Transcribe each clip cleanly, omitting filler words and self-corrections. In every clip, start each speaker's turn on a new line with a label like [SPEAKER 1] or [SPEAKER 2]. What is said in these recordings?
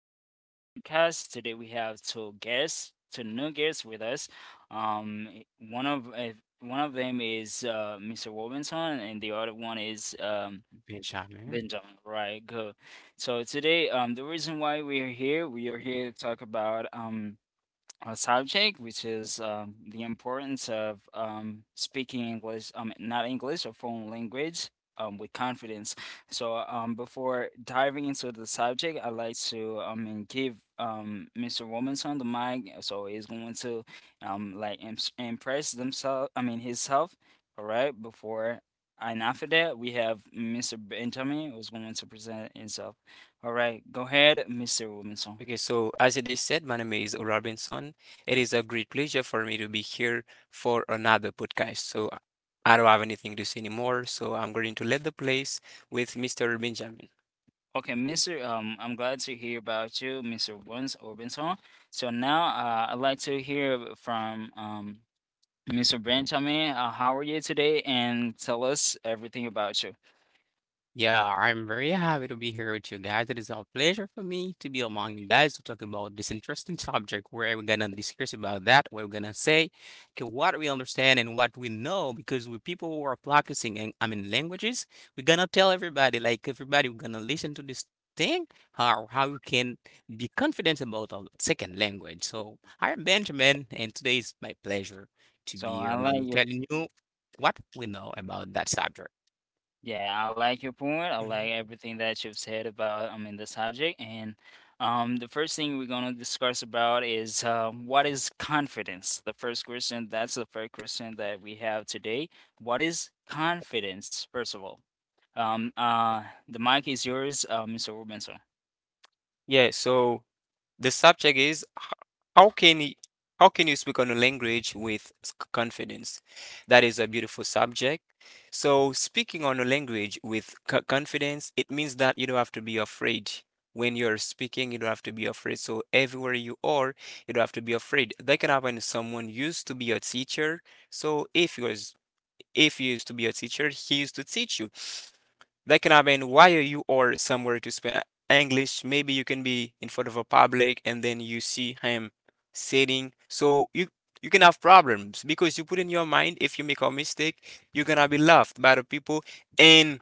[SPEAKER 1] to this broadcast. Today we have two guests, two new guests with us. Um, i- one of uh, one of them is Mr. Robinson, and the other one is
[SPEAKER 2] Benjamin.
[SPEAKER 1] Benjamin. Right, good. So today, the reason why we are here to talk about a subject, which is the importance of speaking English, not English, or foreign language with confidence. So, before diving into the subject, I'd like to and give Mr. Robinson the mic. So, he's going to like impress themselves, I mean, himself, all right, before. And after that, we have Mr. Benjamin, who's going to present himself. All right, go ahead, Mr. Robinson.
[SPEAKER 3] Okay, so as it is said, my name is Robinson. It is a great pleasure for me to be here for another podcast. So I don't have anything to say anymore. So I'm going to leave the place with Mr. Benjamin.
[SPEAKER 1] Okay, Mr. I'm glad to hear about you, Mr. Burns Orbinson. So now, I'd like to hear from Mr. Benjamin. How are you today? And tell us everything about you.
[SPEAKER 2] Yeah, I'm very happy to be here with you guys. It is a pleasure for me to be among you guys to talk about this interesting subject where we're gonna discuss about that, what we're gonna say, okay, what we understand and what we know, because we people who are practicing and languages, we're gonna tell everybody, like everybody we're gonna listen to this thing, how you can be confident about a second language. So I'm Benjamin and today is my pleasure to
[SPEAKER 1] So
[SPEAKER 2] be here
[SPEAKER 1] I'll
[SPEAKER 2] among
[SPEAKER 1] let
[SPEAKER 2] you
[SPEAKER 1] you.
[SPEAKER 2] telling you what we know about that subject.
[SPEAKER 1] Yeah, I like your point. I like
[SPEAKER 3] Mhm.
[SPEAKER 1] everything that you've said about in the subject. And the first thing we're gonna discuss about is what is confidence? That's the first question that we have today. What is confidence, first of all? The mic is yours, Mr. Robinson.
[SPEAKER 3] Yeah, so The subject is how can you, how can you speak on a language with confidence? That is a beautiful subject. So speaking on a language with confidence, it means that you don't have to be afraid. When you're speaking, you don't have to be afraid. So everywhere you are, you don't have to be afraid. That can happen to someone used to be a teacher. So if you was, if you used to be a teacher, he used to teach you. While you are somewhere to speak English, maybe you can be in front of a public and then you see him sitting. You can have problems because you put in your mind if you make a mistake, you're gonna be laughed by the people. And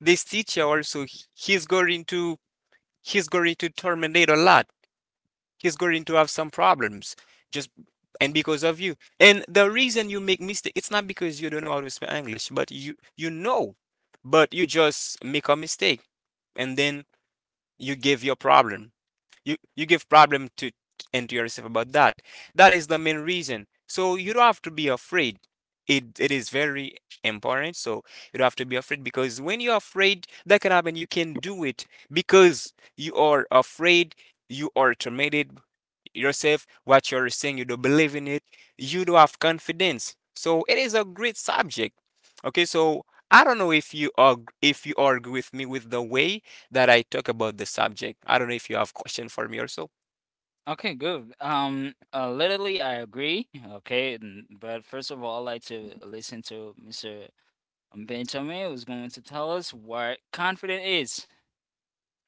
[SPEAKER 3] this teacher also, he's going to he's going to terminate a lot, he's going to have some problems just, and because of you. And the reason you make mistake, it's not because you don't know how to speak English, but you just make a mistake, and then you give your problem. You give problem to and to yourself about that. That is the main reason. So you don't have to be afraid. It is very important. So you don't have to be afraid because when you're afraid, that can happen. You can do it because you are afraid. You are tormented yourself what you're saying, you don't believe in it, you don't have confidence. So it is a great subject. Okay, so I don't know if you are if you argue with me with the way that I talk about the subject. I don't know if you have question for me also.
[SPEAKER 1] Okay, good. Literally, I agree. Okay, but first of all, I'd like to listen to Mr. Benjamin, who's going to tell us what confidence is.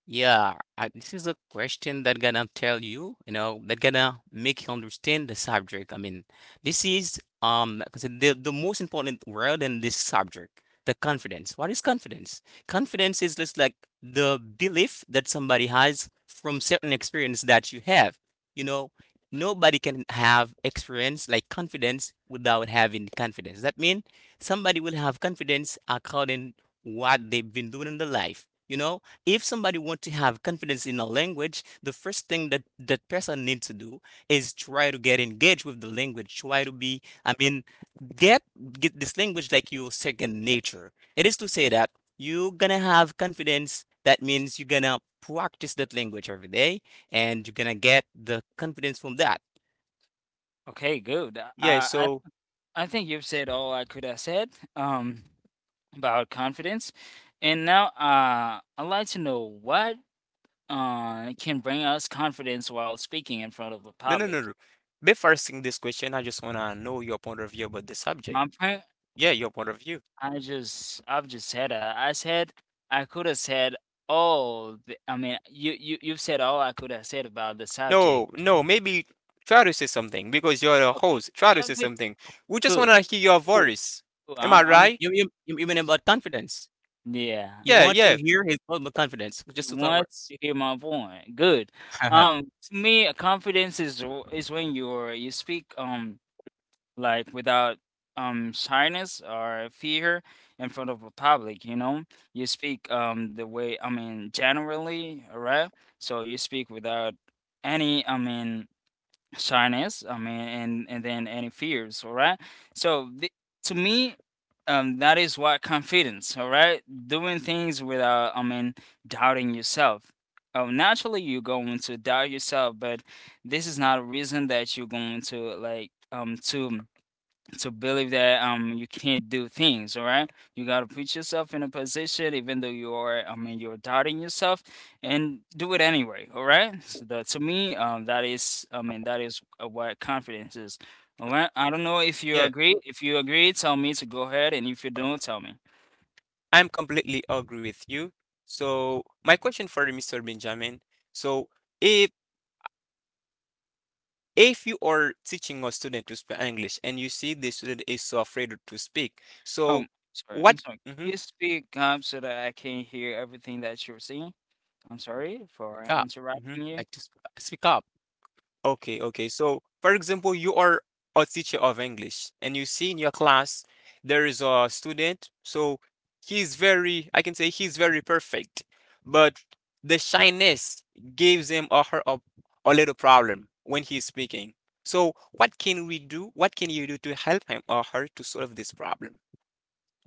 [SPEAKER 2] Yeah, this is a question that gonna tell you, that gonna make you understand the subject. I mean, this is 'cause the most important word in this subject, the confidence. What is confidence? Confidence is just like the belief that somebody has from certain experience that you have. You know, nobody can have experience like confidence without having confidence. That means somebody will have confidence according what they've been doing in their life. You know, if somebody want to have confidence in a language, the first thing that that person needs to do is try to get engaged with the language, try to be, get get this language like your second nature. It is to say that you're gonna have confidence. That means you're gonna practice that language every day, and you're gonna get the confidence from that.
[SPEAKER 1] Okay, good. Uh,
[SPEAKER 3] Yeah,
[SPEAKER 1] I
[SPEAKER 3] so
[SPEAKER 1] I think you've said all I could have said um about confidence, and now I'd like to know what can bring us confidence while speaking in front of a
[SPEAKER 3] No, no,
[SPEAKER 1] public.
[SPEAKER 3] no, no. Before asking this question, I just wanna know your point of view about the subject.
[SPEAKER 1] My point.
[SPEAKER 3] Yeah, your point of view.
[SPEAKER 1] I've just said, I said I could have said all. The, I mean, you you've said all I could have said about the subject.
[SPEAKER 3] No, no, maybe try to say something because you're the host. Try to
[SPEAKER 1] Oh,
[SPEAKER 3] say
[SPEAKER 1] good,
[SPEAKER 3] something. We just
[SPEAKER 1] cool,
[SPEAKER 3] wanna hear your
[SPEAKER 1] cool.
[SPEAKER 3] voice.
[SPEAKER 1] Cool.
[SPEAKER 3] Am I
[SPEAKER 1] I'm
[SPEAKER 3] right?
[SPEAKER 2] You mean about confidence?
[SPEAKER 1] yeah.
[SPEAKER 2] You
[SPEAKER 3] Yeah,
[SPEAKER 2] want to
[SPEAKER 3] yeah,
[SPEAKER 2] hear his about confidence,
[SPEAKER 1] You
[SPEAKER 2] just two
[SPEAKER 1] want
[SPEAKER 2] words?
[SPEAKER 1] to hear my point. Good.
[SPEAKER 2] Speak
[SPEAKER 1] Um, to me, confidence is when you speak like, without shyness or fear in front of a public. You know, you speak the way, I mean, generally, all right? So you speak without any, I mean, shyness, I mean, and then any fears, all right? So to me, that is what confidence, all right? Doing things without, I mean, doubting yourself. Oh, naturally you're going to doubt yourself, but this is not a reason that you're going to, like, to believe that you can't do things, all right? You got to put yourself in a position, even though you are, I mean, you're doubting yourself, and do it anyway, all right? So that, to me, that is, I mean, that is, what confidence is, all right? I don't know If you
[SPEAKER 3] yeah.
[SPEAKER 1] agree tell me to go ahead, and if you don't, tell me.
[SPEAKER 3] I'm completely agree with you. So my question for you, Mr. Benjamin. So if if you are teaching a student to speak English and you see the student is so afraid to speak,
[SPEAKER 1] Oh,
[SPEAKER 3] so what?
[SPEAKER 1] sorry,
[SPEAKER 3] Mm-hmm,
[SPEAKER 1] can you speak up so that I can hear everything that you're saying? I'm sorry for
[SPEAKER 2] up,
[SPEAKER 3] mm-hmm.
[SPEAKER 1] interrupting you.
[SPEAKER 2] like to speak up.
[SPEAKER 3] Okay, okay. So, for example, you are a teacher of English and you see in your class there is a student. So, he's very, I can say he's very perfect, but the shyness gives him or her a little problem when he's speaking. So, what can we do? What can you do to help him or her to solve this problem?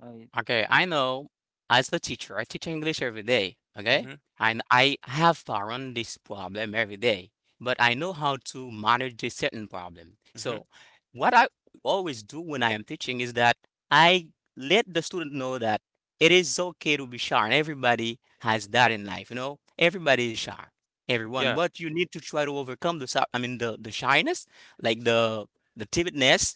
[SPEAKER 1] uh,
[SPEAKER 2] Okay, I know, as a teacher, I teach English every day, okay?
[SPEAKER 3] Mm-hmm,
[SPEAKER 2] And I have found this problem every day, but I know how to manage this certain problem.
[SPEAKER 3] mm-hmm.
[SPEAKER 2] So, what I always do when I am teaching is that I let the student know that it is okay to be shy, and everybody has that in life, you know? Everybody is shy, everyone,
[SPEAKER 3] Yeah,
[SPEAKER 2] but you need to try to overcome the, I mean, the shyness, like the timidness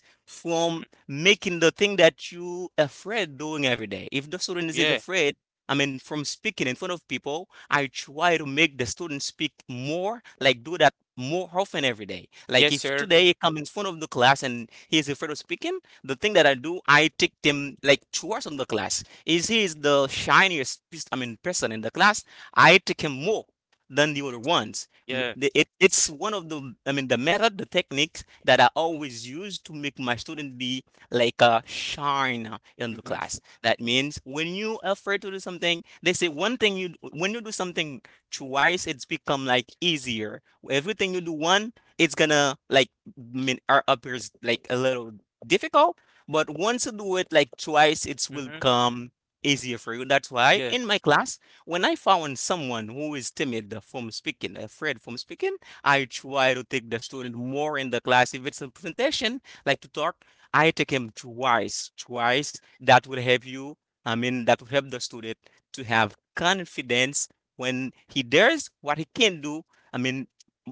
[SPEAKER 3] mm,
[SPEAKER 2] from making the thing that you afraid doing every day. If the student is
[SPEAKER 3] yeah,
[SPEAKER 2] afraid, I mean, from speaking in front of people, I try to make the student speak more, like do that more often every day. Like
[SPEAKER 3] yes,
[SPEAKER 2] if
[SPEAKER 3] sir.
[SPEAKER 2] today he come in front of the class and he is afraid of speaking, the thing that I do, I take him like towards on the class. Is he is the shiniest, I mean, person in the class? I take him more than the other ones.
[SPEAKER 3] Yeah,
[SPEAKER 2] It's one of the, I mean, the method, the techniques that I always use to make my student be like a shine in the
[SPEAKER 3] mm-hmm,
[SPEAKER 2] class. That means when you effort to do something, they say one thing: you when you do something twice, it's become like easier. Everything you do one, it's gonna like mean or appears like a little difficult, but once you do it like twice, it will
[SPEAKER 3] mm-hmm.
[SPEAKER 2] become easier for you. That's why
[SPEAKER 3] Yeah,
[SPEAKER 2] in my class, when I found someone who is timid from speaking, afraid from speaking, I try to take the student more in the class if it's a presentation, like to talk. I take him twice, twice. That will help you. I mean, that will help the student to have confidence when he dares what he can do. I mean,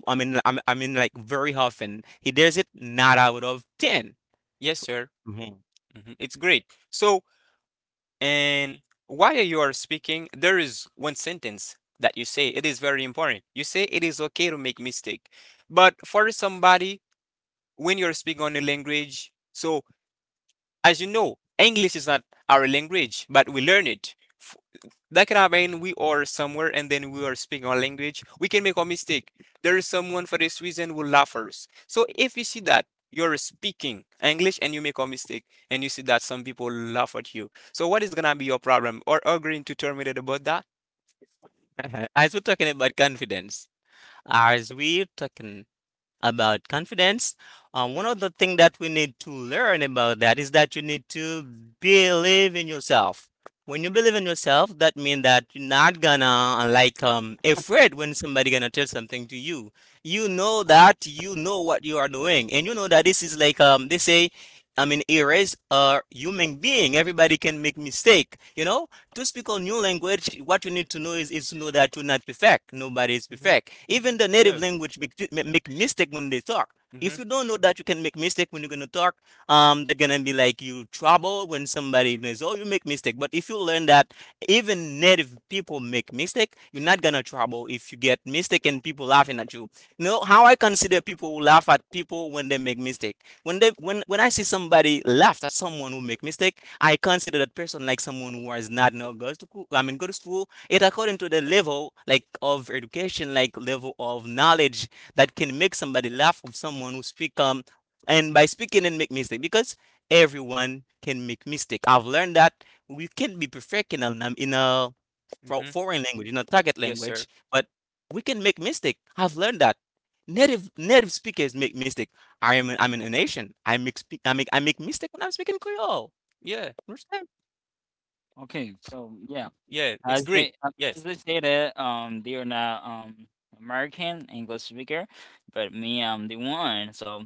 [SPEAKER 2] I mean, I mean, I mean like, very often he dares it. Not out of 10.
[SPEAKER 3] yes, sir.
[SPEAKER 2] Mhm.
[SPEAKER 3] Hmm. It's great. So, And while you are speaking, there is one sentence that you say. It is very important. You say it is okay to make mistake. But for somebody, when you're speaking on a language, so as you know, English is not our language, but we learn it. f- that can happen. We are somewhere and then we are speaking our language. We can make a mistake. There is someone for this reason who laugh us. So if you see that you're speaking English and you make a mistake and you see that some people laugh at you. So what is gonna be your problem? Or agreeing to terminate about that?
[SPEAKER 2] As we're talking about confidence, as we're talking about confidence. One of the things that we need to learn about that is that you need to believe in yourself. When you believe in yourself, that means that you're not gonna like afraid when somebody gonna tell something to you. You know that you know what you are doing, and you know that this is like they say, I mean, erase a human being. Everybody can make mistake. You know, to speak a new language, what you need to know is to know that you're not perfect. Nobody is
[SPEAKER 3] Mm-hmm.
[SPEAKER 2] perfect. Even the native
[SPEAKER 3] Yeah.
[SPEAKER 2] language make, make mistake when they talk.
[SPEAKER 3] Mm-hmm.
[SPEAKER 2] If you don't know that you can make mistake when you're gonna talk, they're gonna be like you trouble when somebody knows, oh, you make mistake. But if you learn that even native people make mistake, you're not gonna trouble if you get mistake and people laughing at you. You know how I consider people who laugh at people when they make mistake? When they when I see somebody laugh at someone who make mistake, I consider that person like someone who has not know goes to school, I mean, go to school. It according to the level, like of education, like level of knowledge that can make somebody laugh of someone who speak, and by speaking and make mistake, because everyone can make mistake. I've learned that we can be perfect in a, in a
[SPEAKER 3] Mm-hmm.
[SPEAKER 2] foreign language, in a target
[SPEAKER 3] Yes, sir.
[SPEAKER 2] language, but we can make mistake. I've learned that native speakers make mistake. I'm in a nation. I make I make mistake when I'm speaking creole.
[SPEAKER 3] Yeah.
[SPEAKER 2] Understand?
[SPEAKER 1] okay, so, yeah.
[SPEAKER 3] Yeah. It's
[SPEAKER 1] As
[SPEAKER 3] great.
[SPEAKER 1] they um, as
[SPEAKER 3] Yes.
[SPEAKER 1] they say that they are not American English speaker, but me, I'm the one. So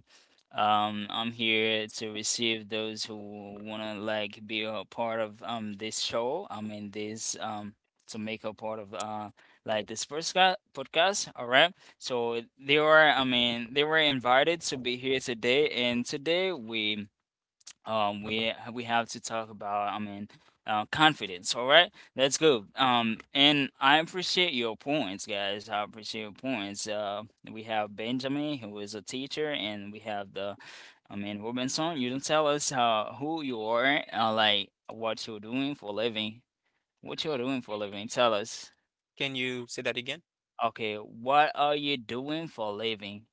[SPEAKER 1] I'm here to receive those who wanna, like, be a part of this show. I mean, this, to make a part of, like, this podcast. All right. So they were, I mean, they were invited to be here today, and today we we have to talk about, I mean, confidence, all right? Right, let's go. And I appreciate your points, guys. I appreciate your points We have Benjamin, who is a teacher, and we have the, I mean, Robinson. You don't tell us, who you are, like, what you're doing for a living tell us.
[SPEAKER 3] Can you say that again?
[SPEAKER 1] Okay, what are you doing for a living?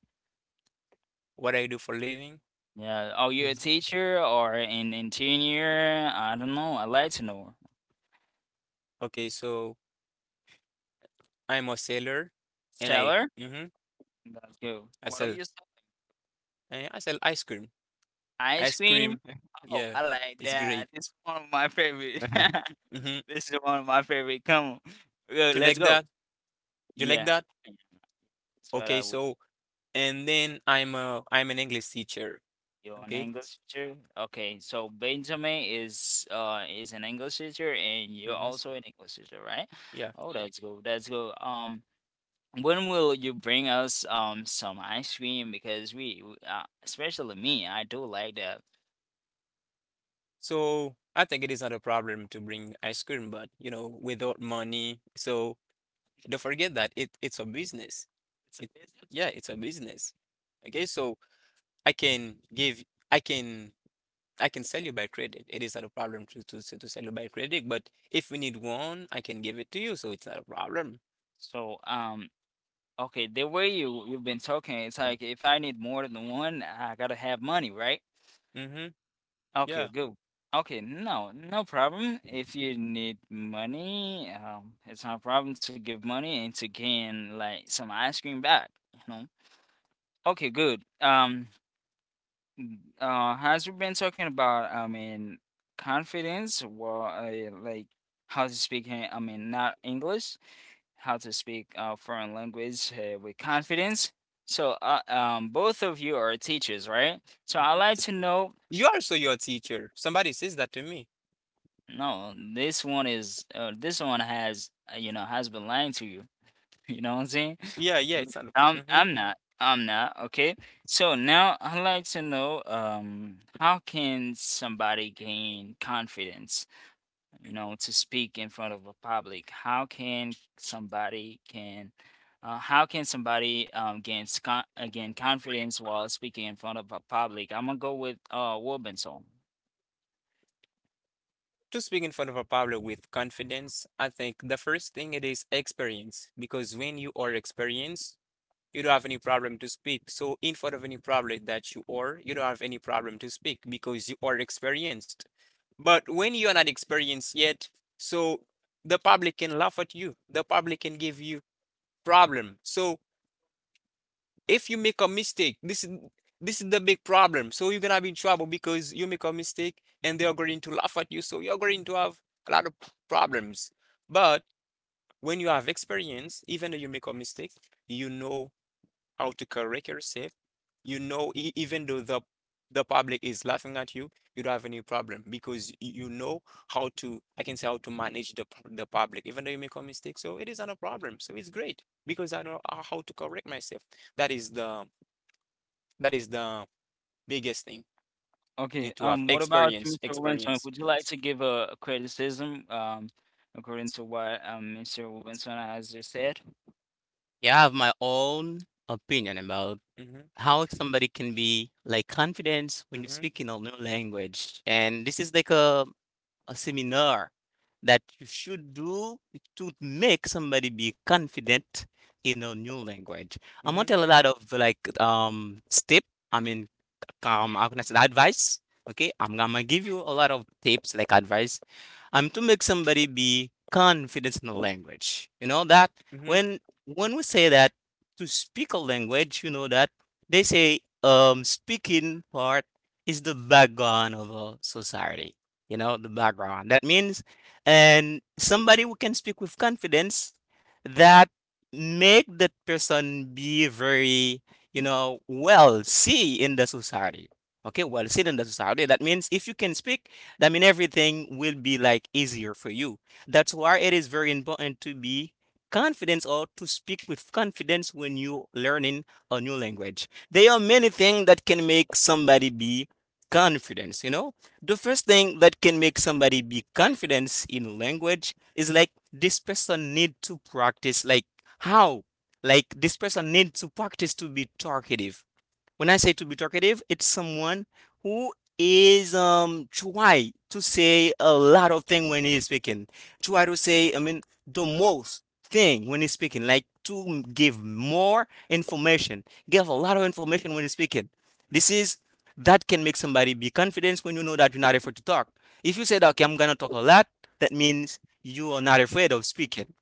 [SPEAKER 3] What I do for living?
[SPEAKER 1] Yeah, are you a
[SPEAKER 3] Mhm.
[SPEAKER 1] teacher or an engineer? I don't know, I'd like to know.
[SPEAKER 3] Okay, so I'm a seller and I
[SPEAKER 1] Tell
[SPEAKER 3] mm-hmm,
[SPEAKER 1] Let's go.
[SPEAKER 3] I
[SPEAKER 1] What do
[SPEAKER 3] sell
[SPEAKER 1] you say?
[SPEAKER 3] I sell ice cream.
[SPEAKER 1] Ice
[SPEAKER 3] Ice
[SPEAKER 1] cream?
[SPEAKER 3] cream.
[SPEAKER 1] Oh,
[SPEAKER 3] Yeah,
[SPEAKER 1] I like
[SPEAKER 3] it's
[SPEAKER 1] that.
[SPEAKER 3] great.
[SPEAKER 1] It's one of my favorite.
[SPEAKER 3] Mm-hmm.
[SPEAKER 1] This is one of my favorite. Come on.
[SPEAKER 3] You
[SPEAKER 1] Let's
[SPEAKER 3] like
[SPEAKER 1] go.
[SPEAKER 3] that? You like
[SPEAKER 1] Yeah. Yeah,
[SPEAKER 3] that?
[SPEAKER 1] that's what
[SPEAKER 3] Okay,
[SPEAKER 1] I would.
[SPEAKER 3] so and then I'm an English teacher.
[SPEAKER 1] You're an
[SPEAKER 3] Okay?
[SPEAKER 1] English teacher. Okay, so Benjamin is an English teacher, and you're
[SPEAKER 3] Mm-hmm.
[SPEAKER 1] also an English teacher, right?
[SPEAKER 3] Yeah.
[SPEAKER 1] Oh, that's good. That's good. When will you bring us some ice cream? Because especially me, I do like that.
[SPEAKER 3] So I think it is not a problem to bring ice cream, but you know, without money. So don't forget that it's a business.
[SPEAKER 1] It's a
[SPEAKER 3] It
[SPEAKER 1] business.
[SPEAKER 3] yeah, it's a business. Okay, so I can give I can I can sell you by credit. It is not a problem to sell you by credit, but if we need one, I can give it to you, so it's not a problem.
[SPEAKER 1] So okay, the way you've been talking, it's like if I need more than one, I gotta have money, right?
[SPEAKER 3] Mm-hmm.
[SPEAKER 1] Okay,
[SPEAKER 3] Yeah.
[SPEAKER 1] good. Okay, no, no problem. If you need money, it's not a problem to give money and to gain, like, some ice cream back. Okay, good. As we've been talking about, I mean, confidence, well, like, how to speak, I mean, not English. How to speak, foreign language, with confidence. So, both of you are teachers, right? So, I'd
[SPEAKER 3] Hmm.
[SPEAKER 1] like to know.
[SPEAKER 3] You are also your teacher. Somebody says that to me.
[SPEAKER 1] No, this one has been lying to you. You know what I'm saying?
[SPEAKER 3] Yeah, yeah, it's not.
[SPEAKER 1] I'm
[SPEAKER 3] Mm-hmm.
[SPEAKER 1] I'm not. I'm not. Okay. So now I'd like to know how can somebody gain confidence, to speak in front of a public. How can somebody, gain confidence while speaking in front of a public? I'm gonna go with Robinson.
[SPEAKER 3] To speak in front of a public with confidence, I think the first thing it is experience, because when you are experienced, you don't have any problem to speak. So in front of any problem that you are, you don't have any problem to speak because you are experienced. But when you are not experienced yet, so the public can laugh at you. The public can give you problem. So if you make a mistake, this is the big problem. So you're gonna be in trouble because you make a mistake and they are going to laugh at you. So you're going to have a lot of problems. But when you have experience, even though you make a mistake, you know autocorrect yourself. You know, even though the public is laughing at you, you don't have any problem because you know I can say how to manage the public, even though you make a mistake. So it is not a problem. So it's great because I know how to correct myself. That is the that is the biggest thing
[SPEAKER 1] Okay.
[SPEAKER 3] need to
[SPEAKER 1] Um,
[SPEAKER 3] have
[SPEAKER 1] what about you,
[SPEAKER 3] experience,
[SPEAKER 1] Mr. Robinson?
[SPEAKER 3] experience.
[SPEAKER 1] Would you like to give a criticism according to what Mr. Robinson has just said?
[SPEAKER 2] Yeah, I have my own opinion about
[SPEAKER 3] Mm-hmm,
[SPEAKER 2] how somebody can be like confident when you
[SPEAKER 3] mm-hmm,
[SPEAKER 2] speak in a new language. And this is like a seminar that you should do to make somebody be confident in a new language. I'm gonna
[SPEAKER 3] mm-hmm,
[SPEAKER 2] tell a lot of like step. I mean, how can I say that? Advice. Okay, I'm gonna give you a lot of tips, like advice. Um, to make somebody be confident in the language. You know that
[SPEAKER 3] mm-hmm.
[SPEAKER 2] when when we say that to speak a language, you know that they say, speaking part is the background of a society. You know, the background. That means and somebody who can speak with confidence, that make that person be very, you know, well see in the society. Okay, well seen in the society. That means if you can speak, that means everything will be like easier for you. That's why it is very important to be confident or to speak with confidence when you learning a new language. There are many things that can make somebody be confidence, you know? The first thing that can make somebody be confidence in a language is like this person need to practice, like how, like this person needs to practice to be talkative. When I say to be talkative, it's someone who is try to say a lot of thing when he is speaking. Try to say, I mean, the most thing when he's speaking, like to give more information, give a lot of information when he's speaking. This is that can make somebody be confident when you know that you're not afraid to talk. If you say that, okay, I'm gonna talk a lot, that means you are not afraid of speaking.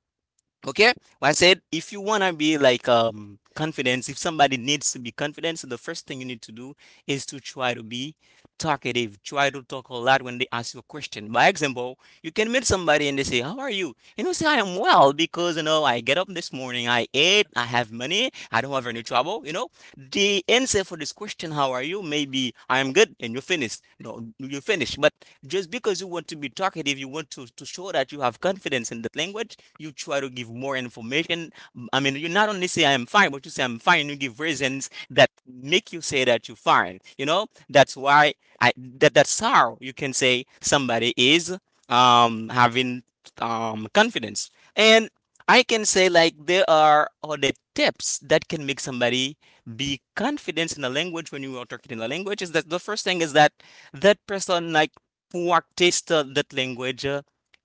[SPEAKER 2] Okay, well, I said if you wanna be like confidence, if somebody needs to be confident, so the first thing you need to do is to try to be talkative. Try to talk a lot when they ask you a question. By example, you can meet somebody and they say, "How are you?" And you say, "I am well because you know I get up this morning, I ate, I have money, I don't have any trouble." You know, the answer for this question, "How are you?" Maybe I am good, and you finish. No, you finish, but just because you want to be talkative, you want to show that you have confidence in the language, you try to give more information. I mean, you not only say I'm fine, but you say I'm fine, you give reasons that make you say that you're fine. You know, that's why I that that's how you can say somebody is having confidence. And I can say like there are other tips that can make somebody be confident in a language when you are talking in a language is that the first thing is that that person like practice that language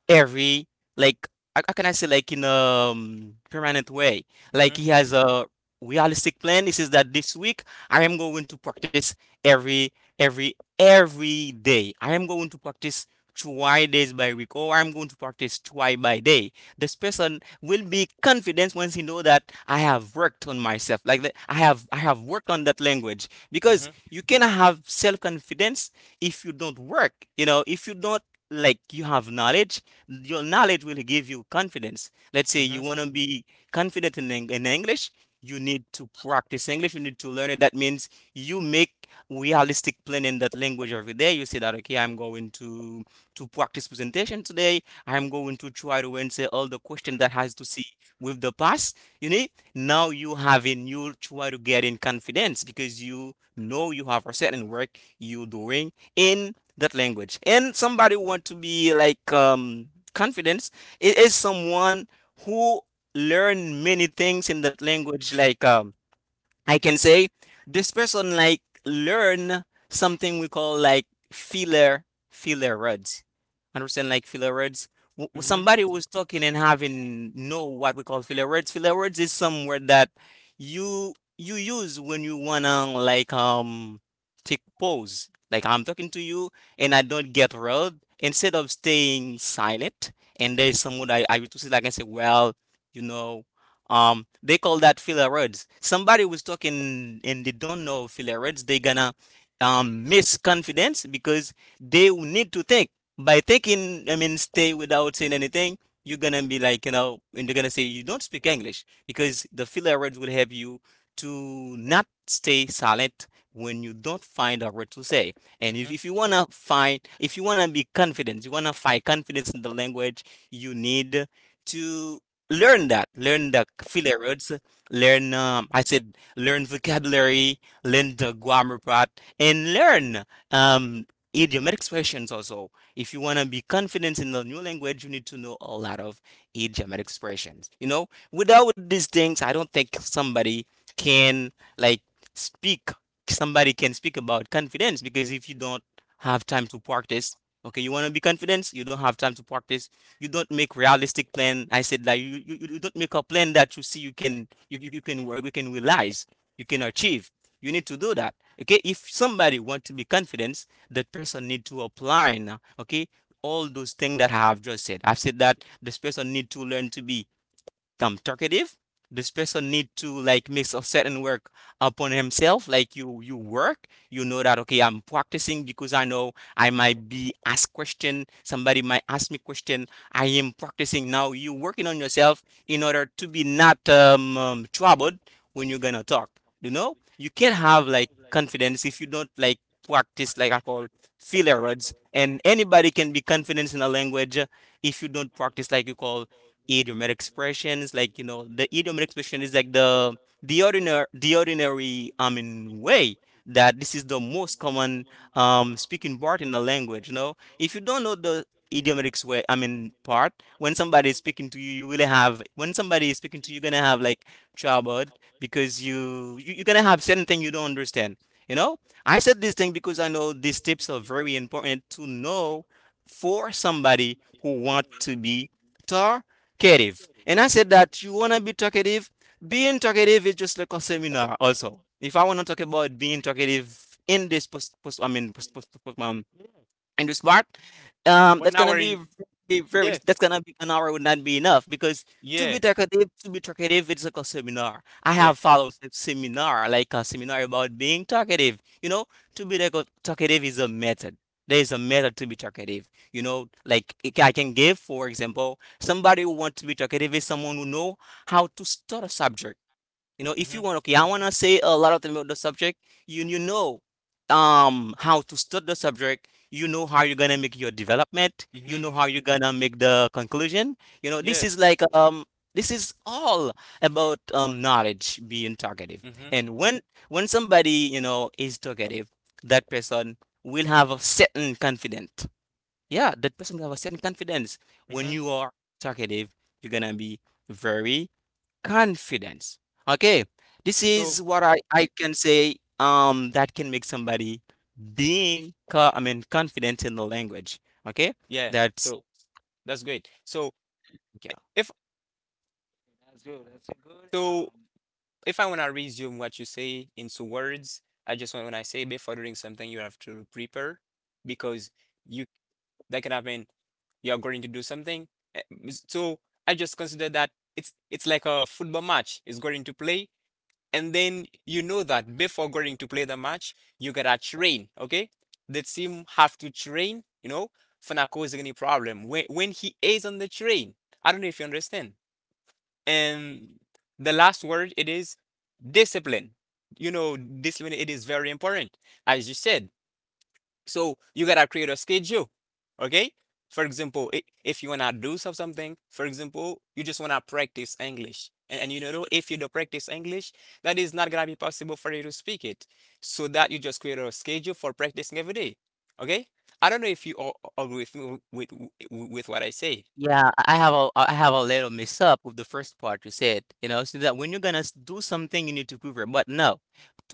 [SPEAKER 2] every, like how can I say, like in a, permanent way. Like
[SPEAKER 3] Mhm,
[SPEAKER 2] he has a realistic plan. He says that this week I am going to practice every every every day. I am going to practice twice days by week, or I'm going to practice twice by day. This person will be confident once he know that I have worked on myself. Like that, I have worked on that language, because
[SPEAKER 3] mhm,
[SPEAKER 2] you cannot have self confidence if you don't work. You know, if you don't, like, you have knowledge, your knowledge will give you confidence. Let's say
[SPEAKER 3] mhm,
[SPEAKER 2] you want to be confident in, in English, you need to practice English, you need to learn it. That means you make realistic plan in that language every day. You say that, okay, I'm going to practice presentation today. I'm going to try to answer all the question that has to see with the past. You need now you have a new try to get in confidence because you know you have a certain work you're doing in that language. And somebody want to be like confidence, it is someone who learn many things in that language. Like I can say this person like learn something we call like filler words. Understand like filler words.
[SPEAKER 3] mhm,
[SPEAKER 2] Somebody was talking and having know what we call filler words. Filler words is some word that you use when you wanna like take pause. Like I'm talking to you and I don't get riled. Instead of staying silent, and there's someone I used to say like I say, well, you know, they call that filler words. Somebody was talking and they don't know filler words, they gonna miss confidence because they will need to think. By thinking, I mean stay without saying anything, you're gonna be like, and they're gonna say you don't speak English because the filler words will help you to not stay silent when you don't find a word to say. And if,
[SPEAKER 3] mhm.
[SPEAKER 2] if you wanna be confident, you wanna find confidence in the language, you need to learn the filler words, learn I said, learn vocabulary, learn the grammar part, and learn um idiomatic expressions also. If you want to be confident in the new language, you need to know a lot of idiomatic expressions. Without these things, I don't think somebody can like speak somebody can speak about confidence because if you don't have time to practice, okay, you want to be confident, you don't have time to practice, you don't make realistic plan. I said that you don't make a plan that you see you can you can work, you can realize, you can achieve. You need to do that. Okay, if somebody want to be confident, that person need to apply now. Okay, all those things that I have just said. I've said that this person need to learn to be become talkative. This person need to like make a certain work upon himself, like you work, you know that, okay, I'm practicing because I know I might be asked question, somebody might ask me question, I am practicing now, you working on yourself in order to be not troubled when you're gonna talk. You know, you can't have like confidence if you don't like practice like I call filler words, and anybody can be confident in a language, if you don't practice like you call idiomatic expressions. Like, you know, the idiomatic expression is like the ordinary, I mean, way, that this is the most common speaking part in the language. You know, if you don't know the idiomatic way, I mean part, when somebody is speaking to you you really have when somebody is speaking to you, you're gonna have like trouble because you're gonna have certain thing you don't understand, you know. I said this thing because I know these tips are very important to know for somebody who want to be taught talkative. And I said that you want to be talkative. Being talkative is just like a seminar also. If I want to talk about being talkative in this post, post I mean, and do smart,
[SPEAKER 3] Well,
[SPEAKER 2] that's
[SPEAKER 3] now
[SPEAKER 2] gonna
[SPEAKER 3] we're in,
[SPEAKER 2] be very
[SPEAKER 3] yeah,
[SPEAKER 2] that's gonna be, an hour would not be enough because to
[SPEAKER 3] yeah,
[SPEAKER 2] to be talkative, it's like a seminar. I
[SPEAKER 3] yeah.
[SPEAKER 2] have followed a seminar, like a seminar about being talkative. You know, to be talkative is a method. There is a method to be talkative. You know, like I can give, for example, somebody who wants to be talkative is someone who know how to start a subject. You know, if
[SPEAKER 3] Mhm,
[SPEAKER 2] you want, okay, I want to say a lot of things about the subject. You know, how to start the subject. You know how you're gonna make your development. You
[SPEAKER 3] mhm.
[SPEAKER 2] know how you're gonna make the conclusion. You know,
[SPEAKER 3] Yes.
[SPEAKER 2] this is all about knowledge, being talkative.
[SPEAKER 3] Mm-hmm.
[SPEAKER 2] And when somebody, you know, is talkative, that person will have a certain confidence. Yeah, that person will have a certain confidence. When
[SPEAKER 3] Mm-hmm.
[SPEAKER 2] you are talkative, you're gonna be very confidence. Okay, this
[SPEAKER 3] So
[SPEAKER 2] is what I can say, that can make somebody I mean, confident in the language. Okay,
[SPEAKER 3] yeah.
[SPEAKER 2] that
[SPEAKER 3] So that's great.
[SPEAKER 2] yeah.
[SPEAKER 3] If
[SPEAKER 1] That's good. That's a good.
[SPEAKER 3] so
[SPEAKER 1] Um,
[SPEAKER 3] if I wanna resume what you say into words, I just want when I say before doing something you have to prepare because you that can happen you're going to do something. Eh, So I just consider that it's like a football match is going to play and then you know that before going to play the match, you gotta train, okay? The team have to train, you know, for not causing any problem when he is on the train. I don't know if you understand.
[SPEAKER 1] and
[SPEAKER 3] And the last word it is discipline. You know, discipline it is very important. As you said, so you gotta create a schedule, okay? For example, if you wanna do something, for example, you just wanna practice English, and you know if you don't practice English, that is not gonna be possible for you to speak it. So that you just create a schedule for practicing every day, okay? I don't know if you all agree with me with what I say.
[SPEAKER 2] Yeah, I have a little mix up with the first part you said, you know, so that when you're gonna do something, you need to prove it. But no,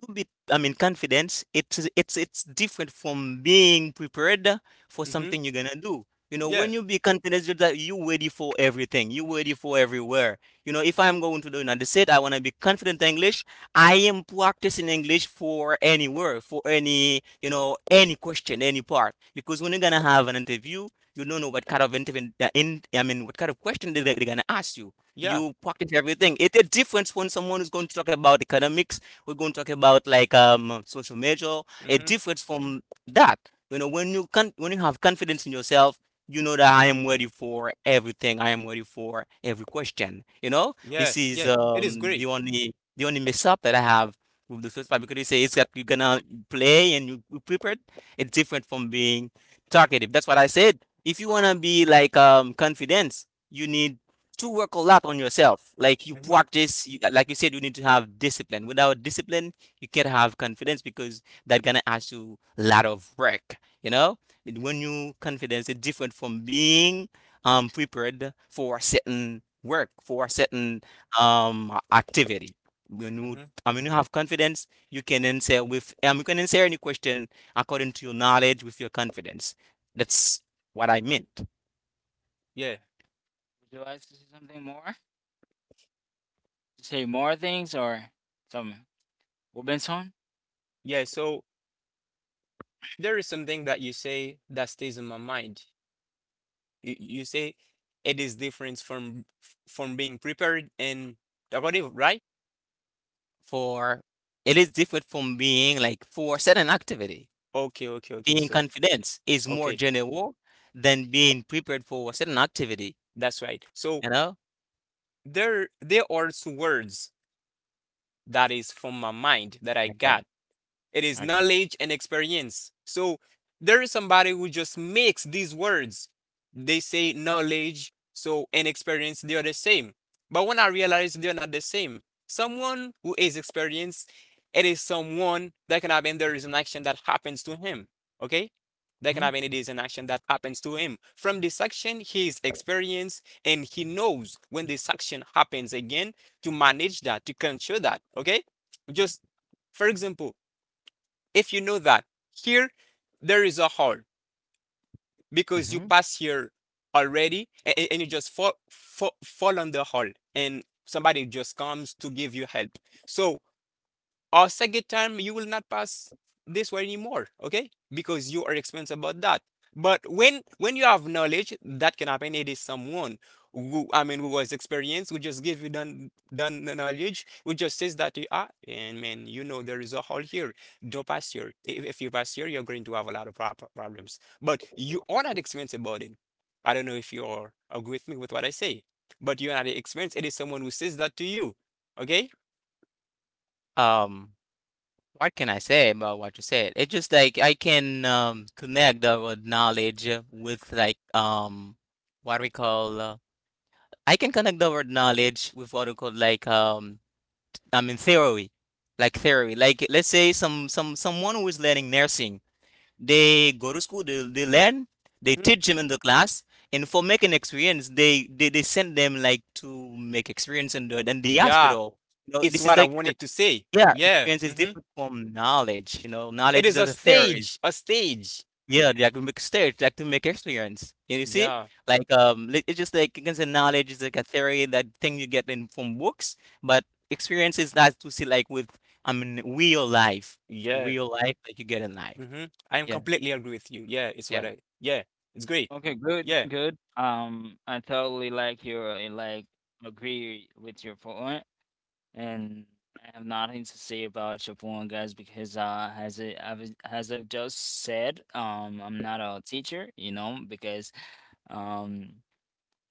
[SPEAKER 2] to be, I mean, confidence, it's different from being prepared for
[SPEAKER 3] Mm-hmm.
[SPEAKER 2] something you're gonna do. You know, when
[SPEAKER 3] Yeah.
[SPEAKER 2] you be confident, you're that you ready for everything, you ready for everywhere. You know, if I'm going to the United States, I wanna be confident English. I am practicing English for anywhere, for any, you know, any question, any part. Because when you're gonna have an interview, you don't know what kind of interview, I mean, what kind of question they're gonna ask you.
[SPEAKER 3] Yeah.
[SPEAKER 2] You practice everything. It's a difference when someone is going to talk about economics. We're going to talk about like social measure. A
[SPEAKER 3] Mm-hmm.
[SPEAKER 2] difference from that. You know, when when you have confidence in yourself, you know that I am ready for everything. I am ready for every question. You know,
[SPEAKER 3] Yeah.
[SPEAKER 2] this is
[SPEAKER 3] Yeah. It is great.
[SPEAKER 2] the only mess up that I have with the first part because you say it's that you're gonna play and you prepared. It's different from being talkative. That's what I said, if you want to be like confident, you need to work a lot on yourself, like you
[SPEAKER 3] Mm-hmm.
[SPEAKER 2] practice, like you said, you need to have discipline. Without discipline, you can't have confidence because that gonna ask you a lot of work, you know, and when you confidence, it's different from being prepared for certain work, for certain activity. When you,
[SPEAKER 3] Mm-hmm.
[SPEAKER 2] I mean, you have confidence. You can answer any question according to your knowledge, with your confidence. That's what I meant.
[SPEAKER 3] Yeah.
[SPEAKER 1] would you like to say something more? Say more things or something, Robinson?
[SPEAKER 3] Yeah. So there is something that you say that stays in my mind. You say it is different from being prepared and talkative, right?
[SPEAKER 2] For it is different from being like for certain activity.
[SPEAKER 3] Okay, okay, okay.
[SPEAKER 2] Being
[SPEAKER 3] So,
[SPEAKER 2] confident is more
[SPEAKER 3] okay,
[SPEAKER 2] general than being prepared for a certain activity,
[SPEAKER 3] that's right. So
[SPEAKER 2] you know?
[SPEAKER 3] there are two words that is from my mind that I
[SPEAKER 2] Okay.
[SPEAKER 3] got. It is
[SPEAKER 2] Okay.
[SPEAKER 3] knowledge and experience. So there is somebody who just makes these words. They say knowledge, so and experience, they are the same. But when I realize they're not the same, someone who is experienced, it is someone that can happen. There is an action that happens to him. Okay? That can happen. It is an action that happens to him. From this action, he is experienced and he knows when this action happens again to manage that, to control that. Okay? Just for example, if you know that here there is a hole because you
[SPEAKER 2] Mhm.
[SPEAKER 3] pass here already and you just fall on the hole and somebody just comes to give you help. So or second time you will not pass this way anymore, okay? Because you are experienced about that. But when you have knowledge, that can happen. It is someone who who was experienced, who just give you done the knowledge, who just says that you are and man, you know there is a hole here. Don't pass here. If you pass here, you're going to have a lot of problems. But you are not experienced about it. I don't know if you are agree with me with what I say, but you are not experienced. It is someone who says that to you, okay?
[SPEAKER 2] Um, what can I say about what you said? It's just like I can connect the word knowledge with like what we call, I can connect the word knowledge with what we call like I mean theory, like theory. Like, let's say someone who is learning nursing. They go to school, they learn, they
[SPEAKER 3] Mhm.
[SPEAKER 2] teach them in the class, and for making experience, they send them like to make experience in the
[SPEAKER 3] Yeah,
[SPEAKER 2] hospital. You know,
[SPEAKER 3] it's
[SPEAKER 2] this is
[SPEAKER 3] what I
[SPEAKER 2] like
[SPEAKER 3] wanted to say.
[SPEAKER 2] yeah,
[SPEAKER 3] Yeah.
[SPEAKER 2] experience is
[SPEAKER 3] Hmm.
[SPEAKER 2] different from knowledge. You know,
[SPEAKER 3] It
[SPEAKER 2] knowledge is
[SPEAKER 3] is a
[SPEAKER 2] a theory.
[SPEAKER 3] stage, a stage.
[SPEAKER 2] Yeah, they like to make stage, like to make experience. And you see,
[SPEAKER 3] Yeah.
[SPEAKER 2] like it's just like you can say knowledge is like a theory, that thing you get in from books, but experience is that to see like with, I mean, real life,
[SPEAKER 3] Yeah.
[SPEAKER 2] that you get in life.
[SPEAKER 3] Hmm. I am
[SPEAKER 2] Yeah,
[SPEAKER 3] completely agree with you.
[SPEAKER 2] yeah.
[SPEAKER 3] Yeah, it's great.
[SPEAKER 1] Okay, good,
[SPEAKER 3] Yeah.
[SPEAKER 1] good. I totally like your, like, agree with your point, and I have nothing to say about your point, guys, because as, as I've just said, I'm not a teacher, because um.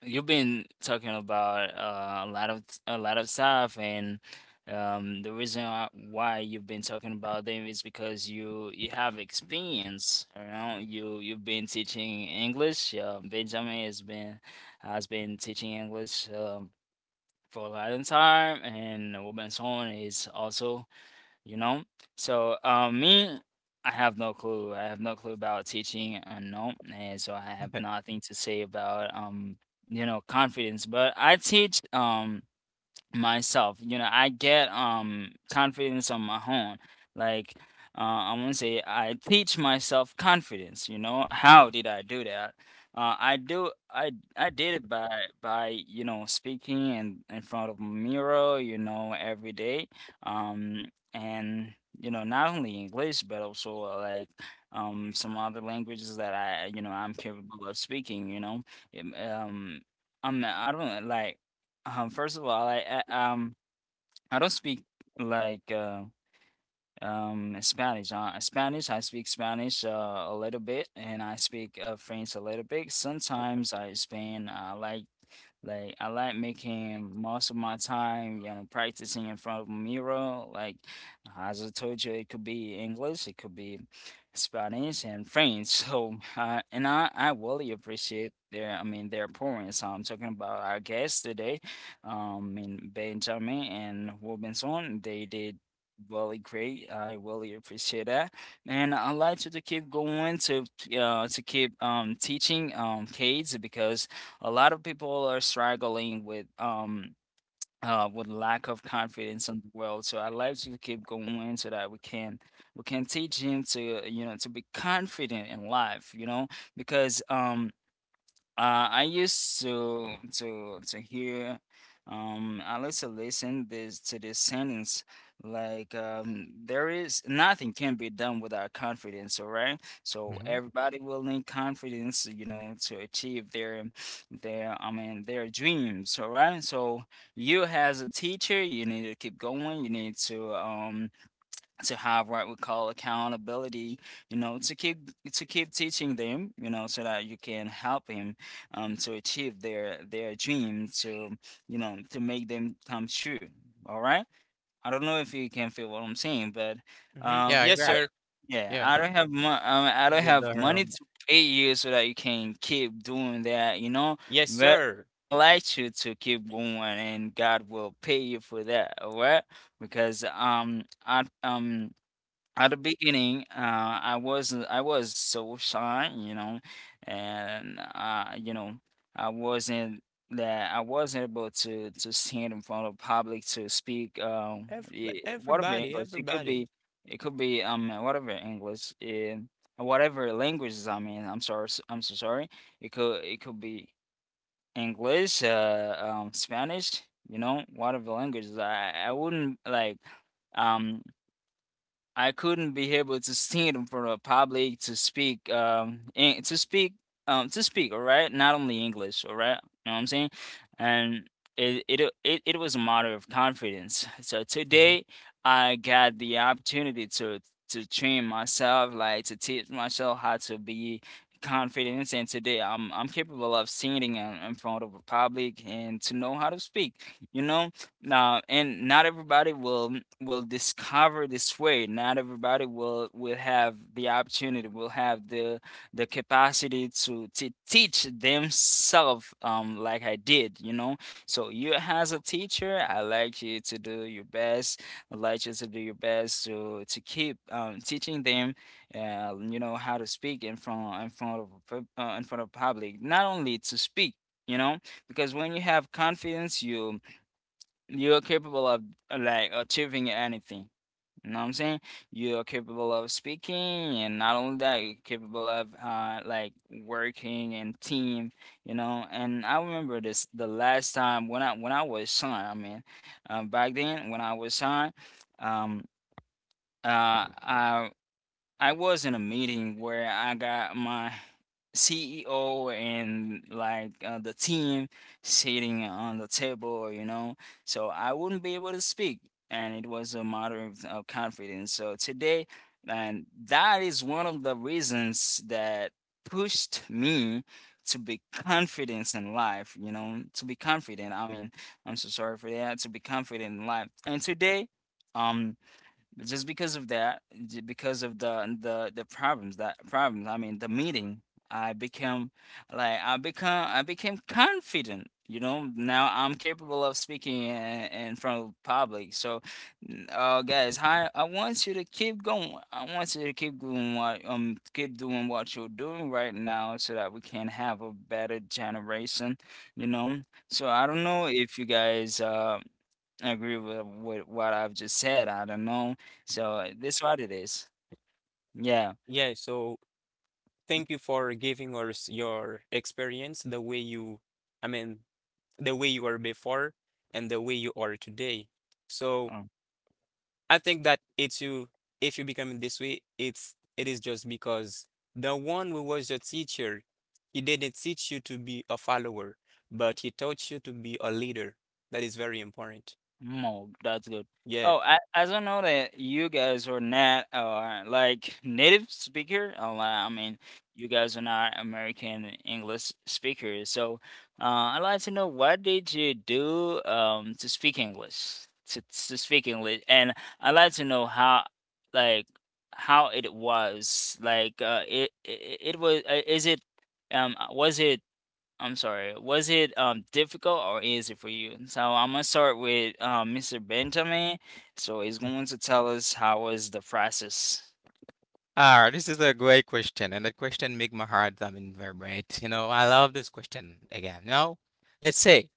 [SPEAKER 1] You've been talking about a a lot of stuff, and the reason why you've been talking about them is because you have experience. You know, you've been teaching English. Benjamin has been teaching English for a long time, and Robinson is also, you know? So, me, I have no clue. I have no clue about teaching, no, and so I have nothing to say about, confidence. But I teach, myself. You know, I get confidence on my own. Like, I want to say, I teach myself confidence. You know, how did I do that? I do. I did it by speaking and in front of a mirror. You know, every day. Um, and, not only English, but also, like, some other languages that I'm capable of speaking. You know, um, I don't like. First of all, I don't speak, like, and Spanish. Spanish. I speak Spanish, a little bit, and I speak, French a little bit. Sometimes I spend. I like, making most of my time, practicing in front of a mirror. Like, as I told you, it could be English, it could be Spanish and French. So, and I really appreciate their. I mean, their points. So I'm talking about our guests today, in Benjamin and Robinson. They did really great. I really appreciate that, and I like you to keep going to, to keep, teaching, kids, because a lot of people are struggling with lack of confidence in the world. So I like you to keep going so that we can teach him to, to be confident in life. You know, because I used to hear, I used to listen this to this sentence, like, there is nothing can be done without confidence, all right? So everybody will need confidence, to achieve their, their dreams, all right? So you, as a teacher, you need to keep going. You need to have what we call accountability, you know, to keep teaching them, you know, so that you can help him, to achieve their dream, to you know, to make them come true, all right. I don't know if you can feel what I'm saying, but
[SPEAKER 3] Hmm.
[SPEAKER 1] um
[SPEAKER 2] Yeah, I
[SPEAKER 3] Yes,
[SPEAKER 1] I,
[SPEAKER 2] got.
[SPEAKER 3] sir.
[SPEAKER 1] yeah,
[SPEAKER 2] Yeah.
[SPEAKER 1] I don't have i
[SPEAKER 2] You
[SPEAKER 1] don't
[SPEAKER 2] get
[SPEAKER 1] have
[SPEAKER 2] the
[SPEAKER 1] money to pay you so that you can keep doing that, you know.
[SPEAKER 3] Yes,
[SPEAKER 1] But
[SPEAKER 3] sir.
[SPEAKER 1] I like you to keep going, and God will pay you for that, all right. Because I, at the beginning, I was so shy, you know, and I wasn't that I wasn't able to stand in front of public to speak,
[SPEAKER 3] Every,
[SPEAKER 1] whatever
[SPEAKER 3] everybody,
[SPEAKER 1] English. It could
[SPEAKER 3] everybody.
[SPEAKER 1] be, whatever English in whatever languages, I mean. I'm sorry, I'm so sorry. It could, be English, Spanish, you know, whatever languages. I wouldn't like. Um, I couldn't be able to stand in front of a public to speak, to speak, to speak, all right, not only English, all right, you know what I'm saying. And it was a matter of confidence. So
[SPEAKER 2] mhm.
[SPEAKER 1] today I got the opportunity to train myself, like to teach myself how to be confident, and today I'm capable of in front of a public and to know how to speak, you know. Now, and not everybody will discover this way. Not everybody will have the opportunity, will have the capacity to teach themselves, like I did, you know. So you as a teacher, I like you to do your best. I like you to do your best to keep teaching them, you know, how to speak in front, in front of public. Not only to speak, you know, because when you have confidence, you, you're capable of achieving anything. You know what I'm saying? You're capable of speaking, and not only that, you're capable of working and team. You know, and I remember this, the last time when I was signed. I mean, back then when I was signed, um, uh, I I was in a meeting where I got my CEO and, like, the team sitting on the table, you know. So I wouldn't be able to speak, and it was a matter of, confidence. So today, and that is one of the reasons that pushed me to be confident in life, you know, to be confident. I mean, I'm so sorry for that. To be confident in life, and today, um just because of that, because of the problems that, problems, I mean the meeting, I became, I became confident, you know. Now I'm capable of speaking in front of public. So, guys, I want you to keep going. I want you to keep doing what, keep doing what you're doing right now so that we can have a better generation, you know. So I don't know if you guys I agree with, what I've just said. I don't know. So that's what it is. Yeah.
[SPEAKER 3] Yeah, so thank you for giving us your experience, the way you, I mean, the way you were before and the way you are today. So
[SPEAKER 1] Oh.
[SPEAKER 3] I think that it's you, if you become this way, it is just because the one who was your teacher, he didn't teach you to be a follower, but he taught you to be a leader. That is very important.
[SPEAKER 1] No, that's good.
[SPEAKER 3] Yeah.
[SPEAKER 1] Oh, I don't know that you guys are not, like, native speaker. I mean, you guys are not American English speakers. So I'd like to know what did you do, to speak English, to speak English, and I'd like to know how, like, how it was. Like it was, is it was it, I'm sorry. Was it difficult or easy for you? So I'm gonna start with Mr. Benjamin. So he's going to tell us how was the process.
[SPEAKER 2] Ah, this is a great question, and the question make my heart, I mean, vibrate. You know, I love this question again. No, let's say,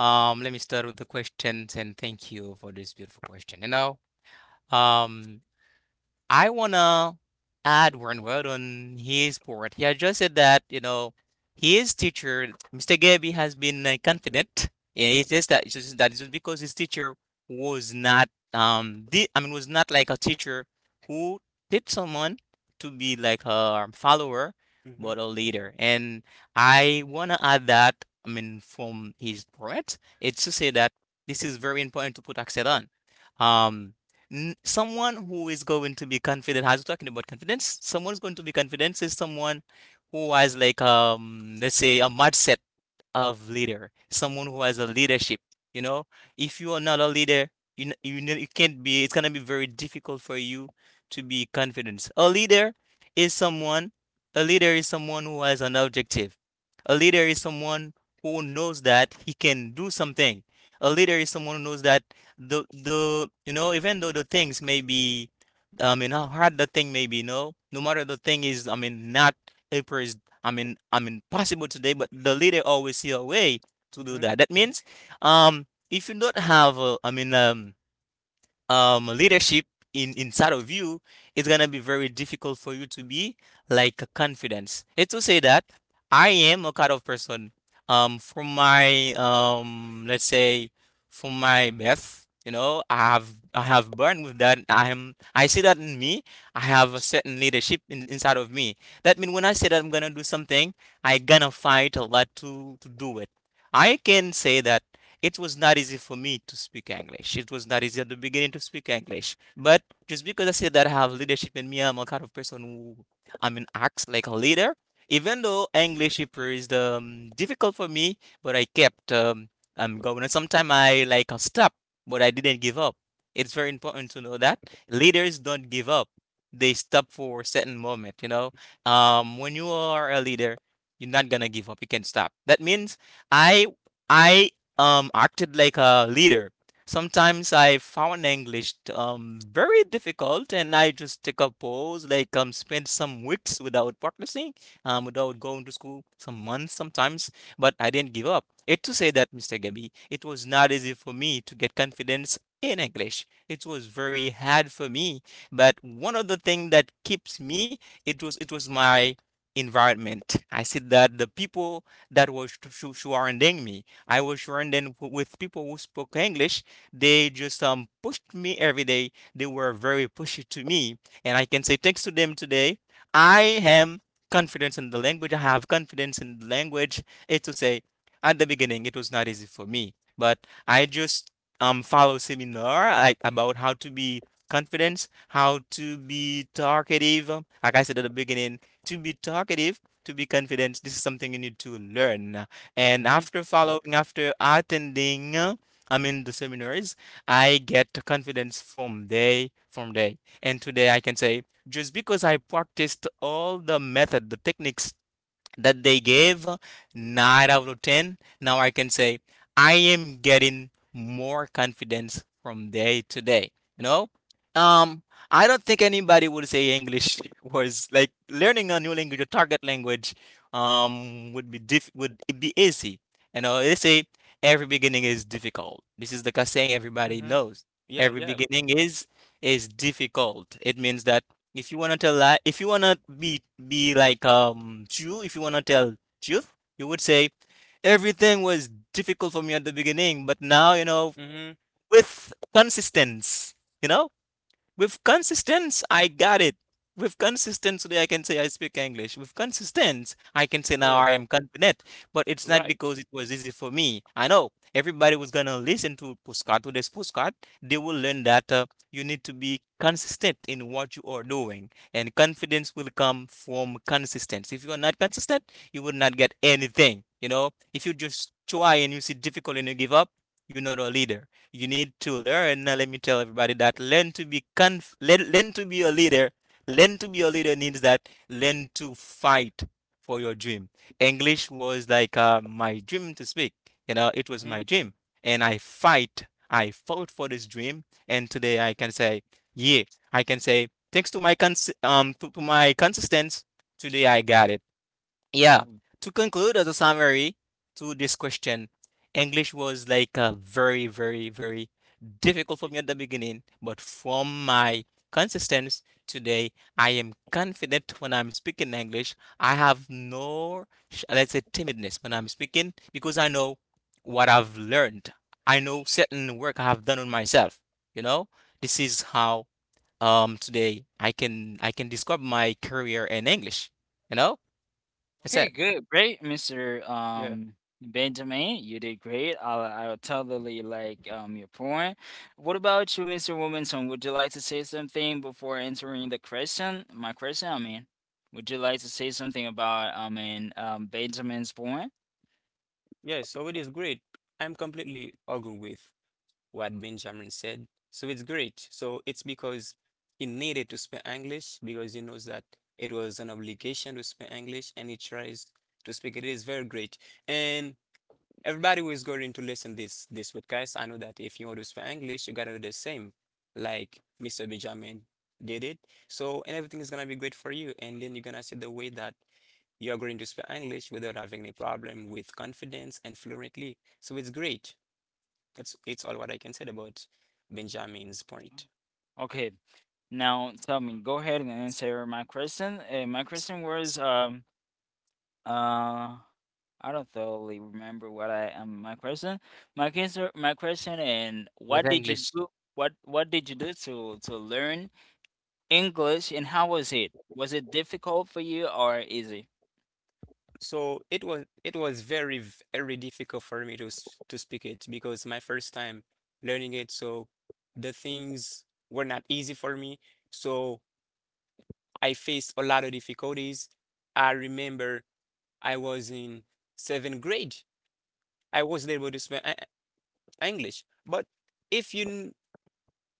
[SPEAKER 2] let me start with the questions, and thank you for this beautiful question. You know, um, I wanna add one word on his part. He has just said that, you know, his teacher, Mr. Gabby, has been confident. Yeah, it's says that it's just because his teacher was not, the I mean, was not like a teacher who did someone to be like a follower
[SPEAKER 3] Mm-hmm.
[SPEAKER 2] but a leader. And I wanna add that, I mean, from his part, it's to say that this is very important to put accent on. Um someone who is going to be confident, as we're talking about confidence, someone who's going to be confident is someone who has like let's say a mindset of leader, someone who has a leadership. You know, if you are not a leader, you can't be. It's gonna be very difficult for you to be confident. A leader is someone. A leader is someone who has an objective. A leader is someone who knows that he can do something. A leader is someone who knows that the even though the things may be, I mean, how hard the thing may be. No? No matter the thing is, I mean, not a I mean, possible today, but the leader always see a way to do
[SPEAKER 3] Mm-hmm.
[SPEAKER 2] that. That means, if you don't have, a, I mean, leadership in inside of you, it's gonna be very difficult for you to be like confidence. It's to say that I am a kind of person from my let's say from my birth, you know, I have I have born with that. I am, I see that in me. I have a certain leadership inside of me. That means when I say that I'm gonna do something, I gonna fight a lot to do it. I can say that it was not easy for me to speak English. It was not easy at the beginning to speak English. But just because I said that I have leadership in me, I'm a kind of person who, I mean, acts like a leader. Even though English is difficult for me, but I kept I'm going. And sometimes I like stop, but I didn't give up. It's very important to know that leaders don't give up. They stop for a certain moment. You know, when you are a leader, you're not gonna give up. You can stop. That means I I acted like a leader. Sometimes I found English very difficult, and I just take a pause, like spend some weeks without practicing, without going to school, some months sometimes. But I didn't give up. It to say that, Mr. Gabby, it was not easy for me to get confidence in English. It was very hard for me. But one of the things that keeps me, it was my environment. I see that the people that was surrounding me. I was surrounded with people who spoke English. They just pushed me every day. They were very pushy to me, and I can say thanks to them today. I am confident in the language. I have confidence in the language. It's to say, at the beginning, it was not easy for me, but I just follow seminar like about how to be confident, how to be talkative. Like I said at the beginning, to be talkative, to be confident, this is something you need to learn. And
[SPEAKER 3] Mm-hmm.
[SPEAKER 2] after following, after attending, I mean the seminars, I get confidence from day from day. And today I can say just because I practiced all the method, the techniques that they gave 9 out of 10. Now I can say I am getting more confidence from day to day. You know, um I don't think anybody would say English was like learning a new language, a target language, would be easy. You know, they say every beginning is difficult. This is the saying everybody
[SPEAKER 3] Mm-hmm.
[SPEAKER 2] knows.
[SPEAKER 3] Yeah.
[SPEAKER 2] Every
[SPEAKER 3] Yeah.
[SPEAKER 2] beginning is difficult. It means that if you wanna tell lie, if you wanna be like true, if you wanna tell truth, you would say everything was difficult for me at the beginning, but now, you know,
[SPEAKER 3] Mm-hmm.
[SPEAKER 2] with consistency, you know, with consistency, I got it. With consistency, I can say I speak English. With consistency, I can say now
[SPEAKER 3] Yeah.
[SPEAKER 2] I am confident. But it's not
[SPEAKER 3] Right.
[SPEAKER 2] because it was easy for me. I know everybody was gonna listen to postcard, to this postcard. They will learn that you need to be consistent in what you are doing, and confidence will come from consistency. If you are not consistent, you will not get anything. You know, if you just try and you see difficult and you give up, you're not a leader. You need to learn. Now, let me tell everybody that learn to be a leader. Learn to be a leader means that learn to fight for your dream. English was like my dream to speak. You know, it was
[SPEAKER 3] Mm-hmm.
[SPEAKER 2] my dream, and I fight. I fought for this dream, and today I can say, yeah, I can say thanks to my to my consistency. Today I got it. Yeah. To conclude as a summary to this question, English was like very, very, very difficult for me at the beginning, but from my consistency today, I am confident when I'm speaking English. I have no, let's say, timidness when I'm speaking because I know what I've learned. I know certain work I have done on myself. You know, this is how today I can describe my career in English. You know, that's
[SPEAKER 1] Okay,
[SPEAKER 2] it.
[SPEAKER 1] good, great, Mr.
[SPEAKER 3] Yeah.
[SPEAKER 1] Um Benjamin, you did great. I'll totally like your point. What about you, Mr. Wilmington? Would you like to say something before answering the question? My question, I mean, would you like to say something about, I mean, Benjamin's point?
[SPEAKER 3] Yes, so it is great. I'm completely agree with what Benjamin said. So it's great. So it's because he needed to speak English because he knows that it was an obligation to speak English and he tries to speak it. It is very great. And everybody who is going to listen this podcast, I know that if you want to speak English, you gotta do the same, like Mr. Benjamin did it. So and everything is gonna be great for you. And then you're gonna see the way that you're going to speak English without having any problem with confidence and fluently. So it's great. That's it's all what I can say about Benjamin's point.
[SPEAKER 1] Okay, now tell me, go ahead and answer my question. My question was, uh, I don't totally remember what I my question. My question, and
[SPEAKER 2] With
[SPEAKER 1] what did you
[SPEAKER 2] English.
[SPEAKER 1] do? What did you do to learn English, and how was it? Was it difficult for you or easy?
[SPEAKER 3] So it was very very difficult for me to speak it because my first time learning it, so the things were not easy for me. So I faced a lot of difficulties. I remember I was in seventh grade. I wasn't able to speak English, but if you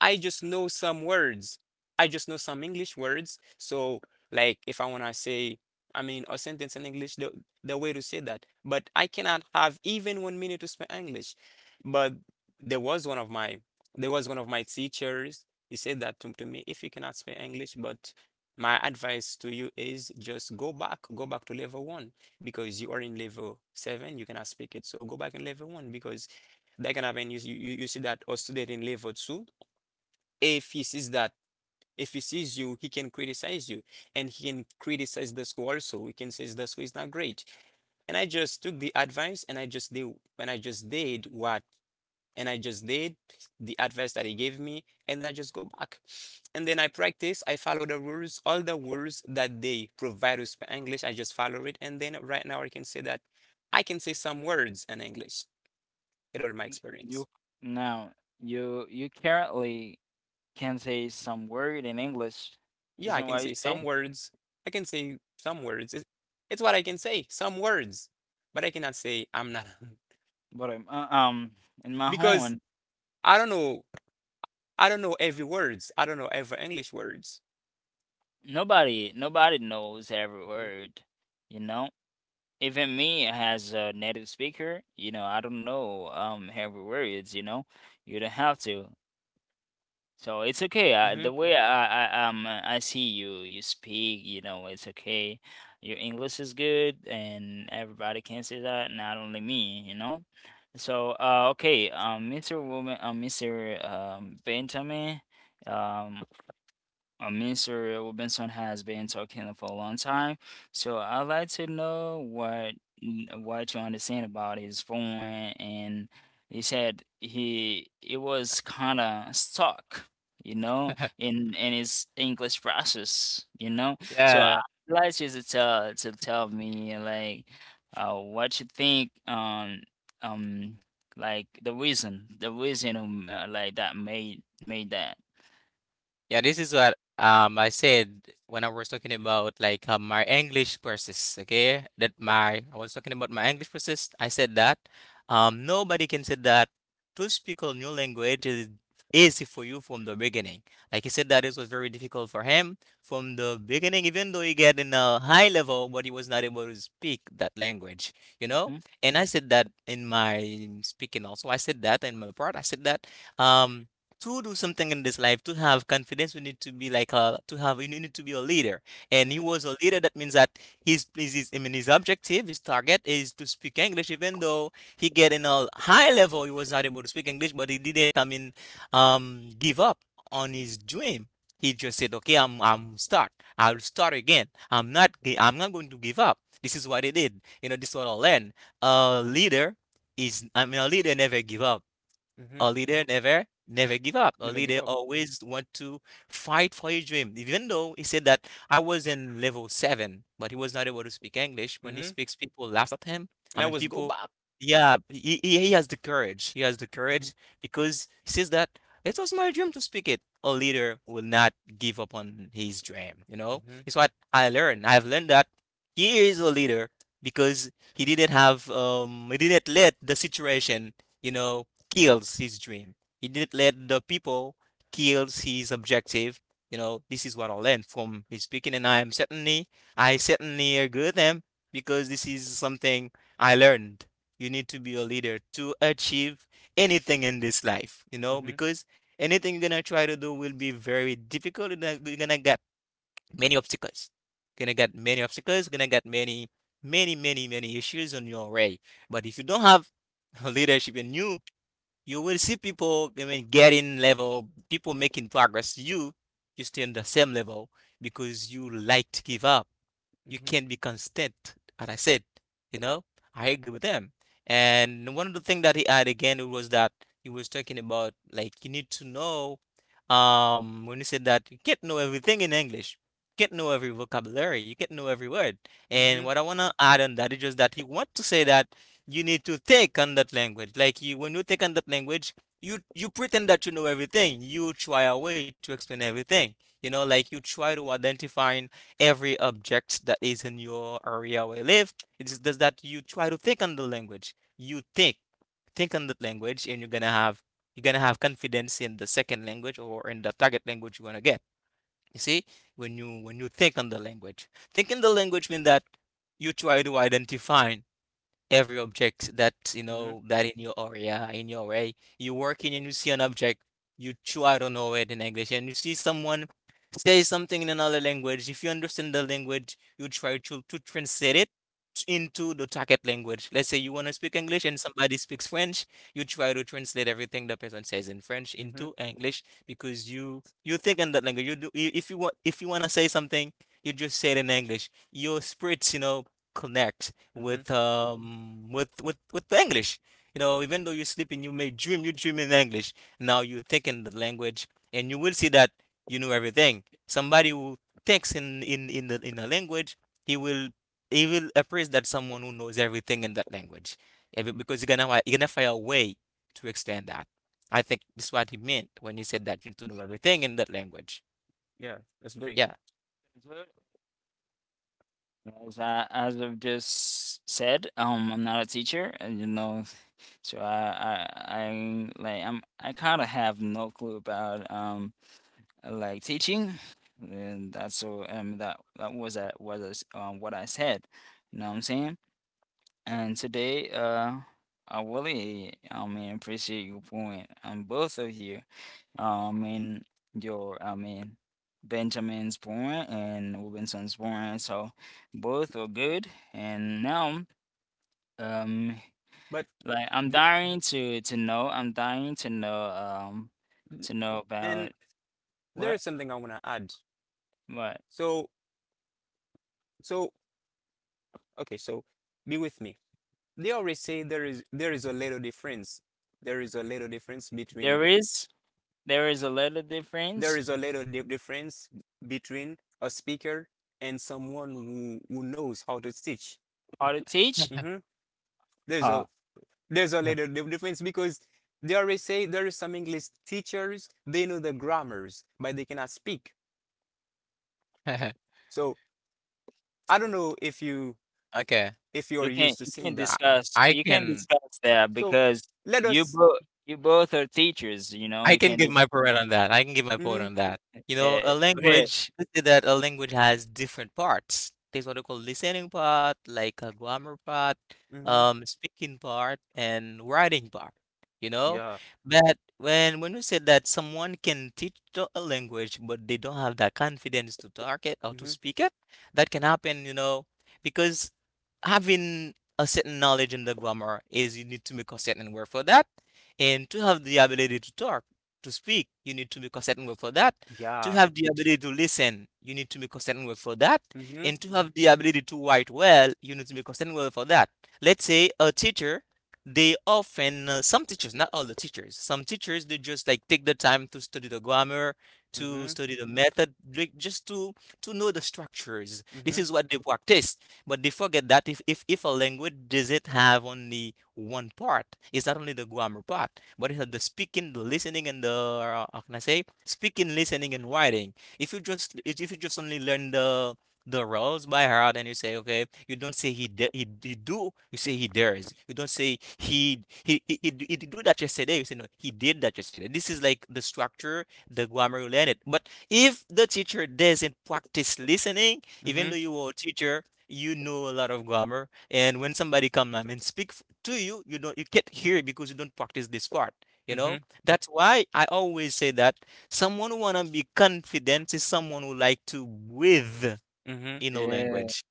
[SPEAKER 3] I just know some words. I just know some English words. So, like, if I want to say, I mean, a sentence in English, the way to say that. But I cannot have even 1 minute to speak English. But there was one of my, there was one of my teachers. He said that to me, if you cannot speak English, but my advice to you is just go back, to level one because you are in level seven, you cannot speak it. So go back in level one because that can happen. You see that a student in level two if he sees that if he sees you he can criticize you, and he can criticize the school also. He can say the school is not great, and I just took the advice, and I just did and I just did what and I just did the advice that he gave me, and I just go back. And then I follow the rules, all the rules that they provide us for English. I just follow it, and then right now I can say that I can say some words in English. It all my experience.
[SPEAKER 1] You, now you currently can say some word in English,
[SPEAKER 3] Yeah, I
[SPEAKER 1] isn't
[SPEAKER 3] can
[SPEAKER 1] what you
[SPEAKER 3] say
[SPEAKER 1] say?
[SPEAKER 3] some words. I can say some words. It's what I can say, some words. But I cannot say I'm not
[SPEAKER 1] But in my
[SPEAKER 3] because
[SPEAKER 1] home.
[SPEAKER 3] I don't know. I don't know every words. I don't know every English words.
[SPEAKER 1] Nobody knows every
[SPEAKER 3] Mhm.
[SPEAKER 1] word, you know. Even me as a native speaker, you know, I don't know every words, you know. You don't have to. So it's okay.
[SPEAKER 3] Mm-hmm.
[SPEAKER 1] The way I see you, you speak, you know, it's okay. Your English is good, and everybody can say that, not only me, you know. So okay. Mr woman mr Benjamin, um Mr. Robinson has been talking for a long time, so I'd like to know what you understand about his phone. And he said he it was kind of stuck, you know, in his English process, you know. So I'd
[SPEAKER 2] Yeah.
[SPEAKER 1] like you to tell, me like, what you think, um like the reason, like that made, that.
[SPEAKER 2] Yeah, this is what I said when I was talking about like my English process, okay? That my I was talking about my English process. I said that nobody can say that to speak a new language is easy for you from the beginning. Like he said that it was very difficult for him from the beginning, even though he get in a high level, but he was not able to speak that language, you know? And I said that in my speaking also. I said that in my part. I said that um to do something in this life, to have confidence, we need to be like a, to have, you need to be a leader, and he
[SPEAKER 3] Mm-hmm.
[SPEAKER 2] was a leader. That means that his, I mean, his objective, his target is to speak English. Even though he get in a high level, he was not able to speak English, but he didn't, I mean, give up on his dream. He just said, okay, I'm start, I'll start again. I'm not going to give up. This is what he did. You know, this is what I learned. A leader is, I mean, a leader never give up.
[SPEAKER 3] Mm-hmm.
[SPEAKER 2] A leader never, never give up. A
[SPEAKER 3] Never give
[SPEAKER 2] leader
[SPEAKER 3] up.
[SPEAKER 2] always want to fight for his dream. Even though he said that I was in level 7, but he was not able to speak English. When he
[SPEAKER 3] Mm-hmm.
[SPEAKER 2] speaks, people laugh at him.
[SPEAKER 3] And
[SPEAKER 2] I
[SPEAKER 3] I
[SPEAKER 2] mean,
[SPEAKER 3] always go
[SPEAKER 2] people,
[SPEAKER 3] back.
[SPEAKER 2] yeah, he has the courage. He has the
[SPEAKER 3] Mm-hmm.
[SPEAKER 2] courage because he says that it was my dream to speak it. A leader will not give up on his dream, you know?
[SPEAKER 3] Mm-hmm.
[SPEAKER 2] It's what I learned. I've learned that he is a leader because he didn't let the situation, you know, kills his dream. He didn't let the people kills his objective. You know, this is what I learned from his speaking, and I am certainly, I certainly agree with him because this is something I learned. You need to be a leader to achieve anything in this life, you know,
[SPEAKER 3] Mm-hmm.
[SPEAKER 2] because anything you're gonna try to do will be very difficult. You're gonna get many obstacles. You're gonna get many obstacles. You're gonna get many, many, many, many issues on your way. But if you don't have leadership in you, you will see people, I mean, getting level, people making progress. You stay on the same level because you like to give up. You
[SPEAKER 3] Mm-hmm.
[SPEAKER 2] can't be constant, and I said, you know, I agree with them. And one of the things that he had again was that he was talking about like you need to know when he said that you can't know everything in English. You can't know every vocabulary, you can't know every word.
[SPEAKER 3] Mm-hmm.
[SPEAKER 2] And what I wanna add on that is just that he want to say that you need to take on that language. Like you, when you take on that language, you pretend that you know everything. You try a way to explain everything. You know, like you try to identify every object that is in your area where you live. It's just that you try to think on the language. You think on the language, and you're gonna have, confidence in the second language or in the target language you wanna get. You see, when you think on the language, think in the language means that you try to identify every object that you
[SPEAKER 3] Mm-hmm.
[SPEAKER 2] know that in your area in your way you're working and you see an object you try to know it in English. And you see someone say something in another language. If you understand the language you try to translate it into the target language. Let's say you want to speak English and somebody speaks French, you try to translate everything the person says in French
[SPEAKER 3] Mm-hmm.
[SPEAKER 2] into English, because you think in that language. You do if you want to say something, you just say it in English. Your spirits, you know, connect
[SPEAKER 3] mm-hmm,
[SPEAKER 2] with with the English. You know, even though you're sleeping, you may dream. You dream in English. Now you think in the language, and you will see that you know everything. Somebody who thinks in the language, he will he will appraise that someone who knows everything in that language. Because you're gonna you're gonna find a way to extend that. I think this is what he meant when he said that you need to know everything in that language.
[SPEAKER 3] Yeah, that's great.
[SPEAKER 2] Yeah.
[SPEAKER 1] Mhm. As I, as I've just said, I'm not a teacher, and you know, so I like, I'm, I kind of have no clue about like teaching, and that's so that, that was, that was what I said, you know what I'm saying? And today, I really, I mean, appreciate your point, both of you, and your, I mean, Benjamin's point and Robinson's point. So both are good. And now, um,
[SPEAKER 3] But
[SPEAKER 1] like, I'm
[SPEAKER 3] b-
[SPEAKER 1] dying to know. I'm dying to know. Um, to know about
[SPEAKER 3] and there
[SPEAKER 1] what
[SPEAKER 3] is something I want to add.
[SPEAKER 1] what
[SPEAKER 3] So, so okay, so be with me. They always say there is a little difference. There is a little difference between
[SPEAKER 1] there is. There is a little
[SPEAKER 3] there
[SPEAKER 1] difference
[SPEAKER 3] is a little di- difference between a speaker and someone who knows how to teach.
[SPEAKER 1] how to teach.
[SPEAKER 3] hmm There's a
[SPEAKER 1] Huh.
[SPEAKER 3] there's a little difference because they always say there is some English teachers they know the grammars but they cannot speak. So I don't know if you
[SPEAKER 2] Okay.
[SPEAKER 3] if you are
[SPEAKER 1] You can
[SPEAKER 3] used to
[SPEAKER 1] you can
[SPEAKER 3] seeing that.
[SPEAKER 2] I
[SPEAKER 1] discuss,
[SPEAKER 2] I
[SPEAKER 1] you can
[SPEAKER 2] can
[SPEAKER 1] discuss that
[SPEAKER 3] So
[SPEAKER 1] because
[SPEAKER 3] let
[SPEAKER 1] you
[SPEAKER 3] us.
[SPEAKER 1] both you both are teachers. You know
[SPEAKER 2] I
[SPEAKER 1] you
[SPEAKER 2] can
[SPEAKER 1] can
[SPEAKER 2] give
[SPEAKER 1] dis-.
[SPEAKER 2] my point on that. I can give my point
[SPEAKER 3] Mhm,
[SPEAKER 2] on that. You know,
[SPEAKER 1] Yeah.
[SPEAKER 2] a
[SPEAKER 1] Go ahead.
[SPEAKER 2] language, let's say that a language has different parts. There's what they call listening part, like a grammar part,
[SPEAKER 3] mhm,
[SPEAKER 2] speaking part, and writing part, you know?
[SPEAKER 3] yeah,
[SPEAKER 2] But when you say that someone can teach a language, but they don't have that confidence to talk it or to
[SPEAKER 3] mhm,
[SPEAKER 2] speak it, that can happen, you know, because having a certain knowledge in the grammar is you need to make a certain word for that. And to have the ability to talk, to speak, you need to make a certain word for that. To
[SPEAKER 3] yeah,
[SPEAKER 2] have the ability to listen, you need to make a certain word for that.
[SPEAKER 3] mhm,
[SPEAKER 2] And to have the ability to write well, you need to make a certain word for that. Let's say a teacher, they often, some teachers, not all the teachers, some teachers, they just like take the time to study the grammar, to
[SPEAKER 3] mhm,
[SPEAKER 2] study the method, like, just to know the structures. This
[SPEAKER 3] mhm,
[SPEAKER 2] is what they practice, but they forget that if a language doesn't have only one part, it's not only the grammar part, but it's the speaking, the listening, and the how can I say, speaking, listening, and writing. If you just only learn the rules by heart and you say okay, you don't say he do, you say he dares. You don't say he do that yesterday. You say no, he did that yesterday. This is like the structure, the grammar you learn it. But if the teacher doesn't practice listening, even
[SPEAKER 3] mhm,
[SPEAKER 2] though you are a teacher, you know a lot of grammar, and when somebody come and speak to you, you don't you can't hear it because you don't practice this part, you
[SPEAKER 3] mhm,
[SPEAKER 2] know. That's why I always say that someone who want to be confident is someone who like to breathe
[SPEAKER 3] mhm,
[SPEAKER 2] in a
[SPEAKER 1] Yeah.
[SPEAKER 2] language.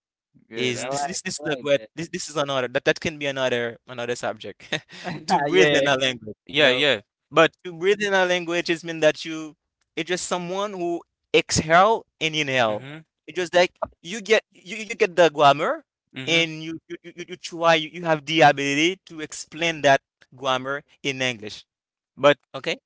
[SPEAKER 1] Good.
[SPEAKER 2] Is
[SPEAKER 3] mhm.
[SPEAKER 2] this this this
[SPEAKER 1] I
[SPEAKER 2] is a
[SPEAKER 1] like
[SPEAKER 2] this this is another that, that can be another another subject to
[SPEAKER 1] that.
[SPEAKER 2] breathe in
[SPEAKER 1] Yeah.
[SPEAKER 2] a language, you
[SPEAKER 3] Yeah,
[SPEAKER 2] know.
[SPEAKER 3] yeah. But
[SPEAKER 2] To breathe in a language is mean that you it's just someone who exhale and inhale.
[SPEAKER 3] mhm,
[SPEAKER 2] It's just like you get you get the grammar
[SPEAKER 3] mhm.
[SPEAKER 2] and you try you have the ability to explain that grammar in English.
[SPEAKER 3] But
[SPEAKER 2] Okay?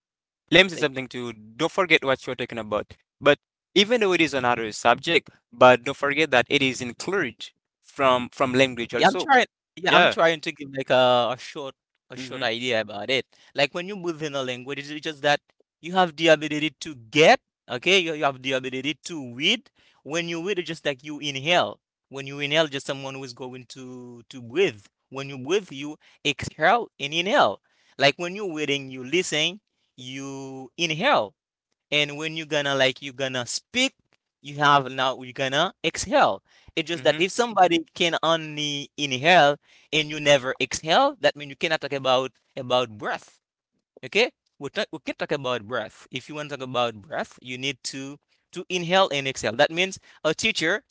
[SPEAKER 3] let me say
[SPEAKER 2] Like
[SPEAKER 3] something too. Don't forget what you're talking about. But even though it is another subject, but don't forget that it is included from language
[SPEAKER 2] Yeah, I'm
[SPEAKER 3] also.
[SPEAKER 2] trying. Yeah, I'm
[SPEAKER 3] Yeah.
[SPEAKER 2] trying to give like a short
[SPEAKER 3] Mhm,
[SPEAKER 2] idea about it. Like when you move in a language, it's just that you have the ability to get, okay? You have the ability to read. When you read, it's just like you inhale. When you inhale, just someone who is going to breathe. When you breathe, you exhale and inhale. Like when you're reading, you listen, you inhale, and when you're gonna like you're gonna speak, you have now you're gonna exhale. It's just that
[SPEAKER 3] mhm,
[SPEAKER 2] if somebody can only inhale and you never exhale, that means you cannot talk about breath. Okay, we can talk about breath. If you want to talk about breath, you need to inhale and exhale. That means a teacher,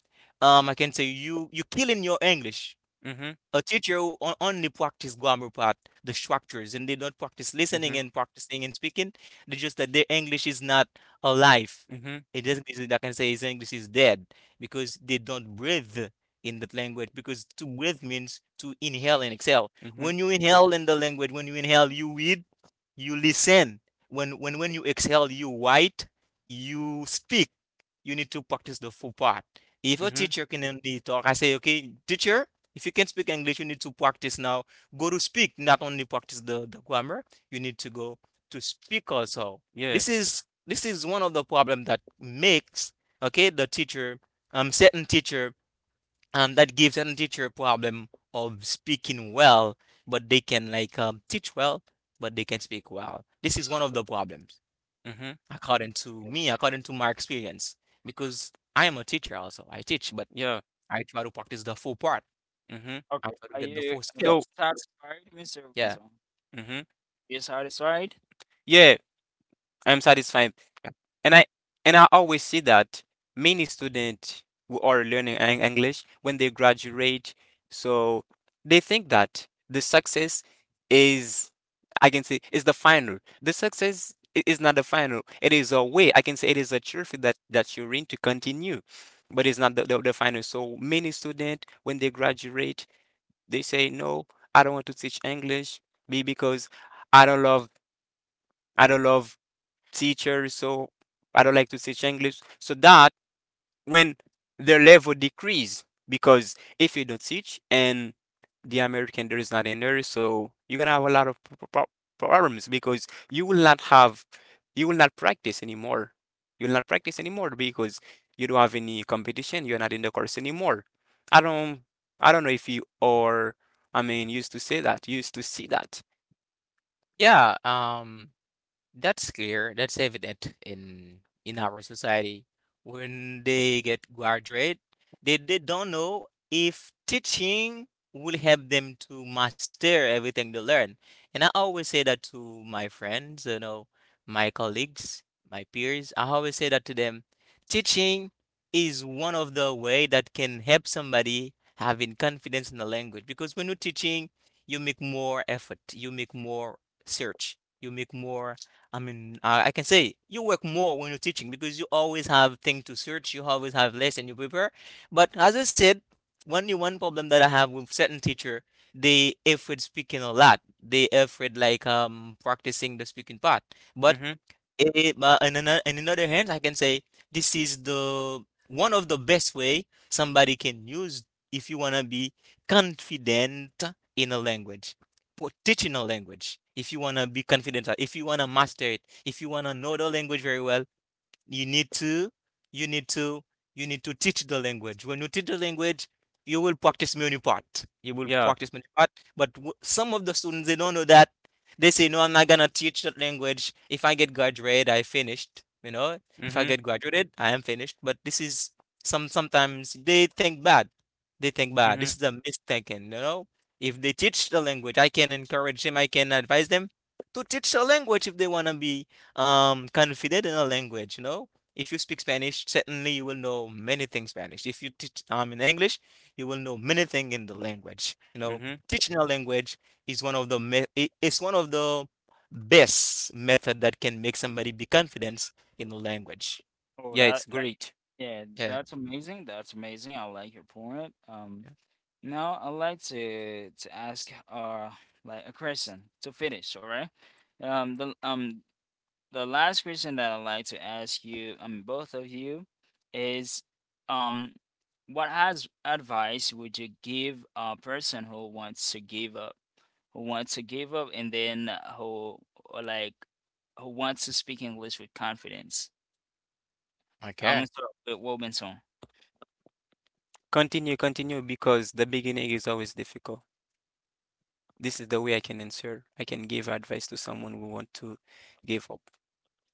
[SPEAKER 2] I can say you you killing your English.
[SPEAKER 3] mhm,
[SPEAKER 2] A teacher who only practice grammar part, the structures, and they don't practice listening
[SPEAKER 3] mhm,
[SPEAKER 2] and practicing and speaking. They just that their English is not alive.
[SPEAKER 3] mhm,
[SPEAKER 2] It doesn't mean that I can say his English is dead because they don't breathe in that language. Because to breathe means to inhale and exhale.
[SPEAKER 3] mhm,
[SPEAKER 2] When you inhale in the language, when you inhale, you read, you listen. When you exhale, you write, you speak. You need to practice the full part. If a
[SPEAKER 3] mhm.
[SPEAKER 2] teacher can only talk, I say, okay, teacher, if you can't speak English, you need to practice now. Go to speak, not only practice the grammar. You need to go to speak also.
[SPEAKER 3] Yeah.
[SPEAKER 2] This is one of the problem that makes okay the teacher certain teacher that gives certain teacher a problem of speaking well, but they can like teach well, but they can speak well. This is one of the problems,
[SPEAKER 3] Mhm.
[SPEAKER 2] according to me, according to my experience, because I am a teacher also. I teach, but
[SPEAKER 3] Yeah.
[SPEAKER 2] I try to practice the full part.
[SPEAKER 3] Mhm.
[SPEAKER 2] I
[SPEAKER 1] Okay.
[SPEAKER 2] try to
[SPEAKER 1] Are
[SPEAKER 2] get the
[SPEAKER 1] you,
[SPEAKER 2] full
[SPEAKER 1] are you
[SPEAKER 2] skill.
[SPEAKER 3] So.
[SPEAKER 1] satisfied, Mr.
[SPEAKER 2] Yeah.
[SPEAKER 1] Winslow?
[SPEAKER 3] Mhm.
[SPEAKER 1] You satisfied?
[SPEAKER 3] Yeah. I'm satisfied.
[SPEAKER 2] Yeah.
[SPEAKER 3] And I and I always see that many students who are learning English when they graduate, so they think that the success is, I can say, is the final. The success is not the final. It is a way. I can say it is a trophy that you're in to continue, but it's not the final. So many students when they graduate, they say no, I don't want to teach English be because I don't love I don't love teacher, so I don't like to teach English. So that when their level decrease, because if you don't teach and the American there is not in there, so you're gonna have a lot of problems because you will not practice anymore. You will not practice anymore because you don't have any competition. You're not in the course anymore. I don't, I don't know if you are. I mean, used to say that, used to see that.
[SPEAKER 2] Yeah, that's clear. That's evident in our society. When they get graduate, they don't know if teaching will help them to master everything they learn. And I always say that to my friends, you know, my colleagues, my peers. I always say that to them. Teaching is one of the way that can help somebody having confidence in the language, because when you're teaching, you make more effort, you make more search, you make more I mean, I can say you work more when you're teaching, because you always have things to search, you always have lesson you prepare. But as I said, one problem that I have with certain teacher, they afraid speaking a lot. They afraid like practicing the speaking part. But
[SPEAKER 3] Mm-hmm.
[SPEAKER 2] it but in another hand, I can say this is the one of the best way somebody can use if you wanna be confident in a language or teaching a language. If you wanna be confident, if you wanna master it, if you wanna know the language very well, you need to you need to you need to teach the language. When you teach the language, you will practice many part, you will
[SPEAKER 3] Yeah.
[SPEAKER 2] practice many part, but some of the students they don't know that. They say no, I'm not gonna teach that language. If I get graduated, I finished, you know. If I
[SPEAKER 3] Mm-hmm.
[SPEAKER 2] get graduated, I am finished. But this is some sometimes they think bad, they think bad.
[SPEAKER 3] Mm-hmm.
[SPEAKER 2] This is a misthinking, you know. If they teach the language, I can encourage them, I can advise them to teach the language if they want to be confident in a language, you know. If you speak Spanish, certainly you will know many things Spanish. If you teach in English, you will know many things in the language, you know.
[SPEAKER 3] Mm-hmm.
[SPEAKER 2] Teaching a language is one of the it's one of the best method that can make somebody be confident in the language.
[SPEAKER 1] Oh,
[SPEAKER 3] Yeah,
[SPEAKER 1] that,
[SPEAKER 3] it's
[SPEAKER 1] that,
[SPEAKER 3] great.
[SPEAKER 1] yeah,
[SPEAKER 2] Yeah.
[SPEAKER 1] that's amazing. That's amazing. I like your point. Now I'd like to ask, like a question to finish. All right. Um, the um the last question that I'd like to ask you, both of you, is um, what has advice would you give a person who wants to give up? Who want to give up? And then who, or like, who wants to speak English with confidence? I'm
[SPEAKER 2] Okay.
[SPEAKER 1] gonna start with Robinson.
[SPEAKER 3] Continue, continue, because the beginning is always difficult. This is the way I can answer. I can give advice to someone who want to give up.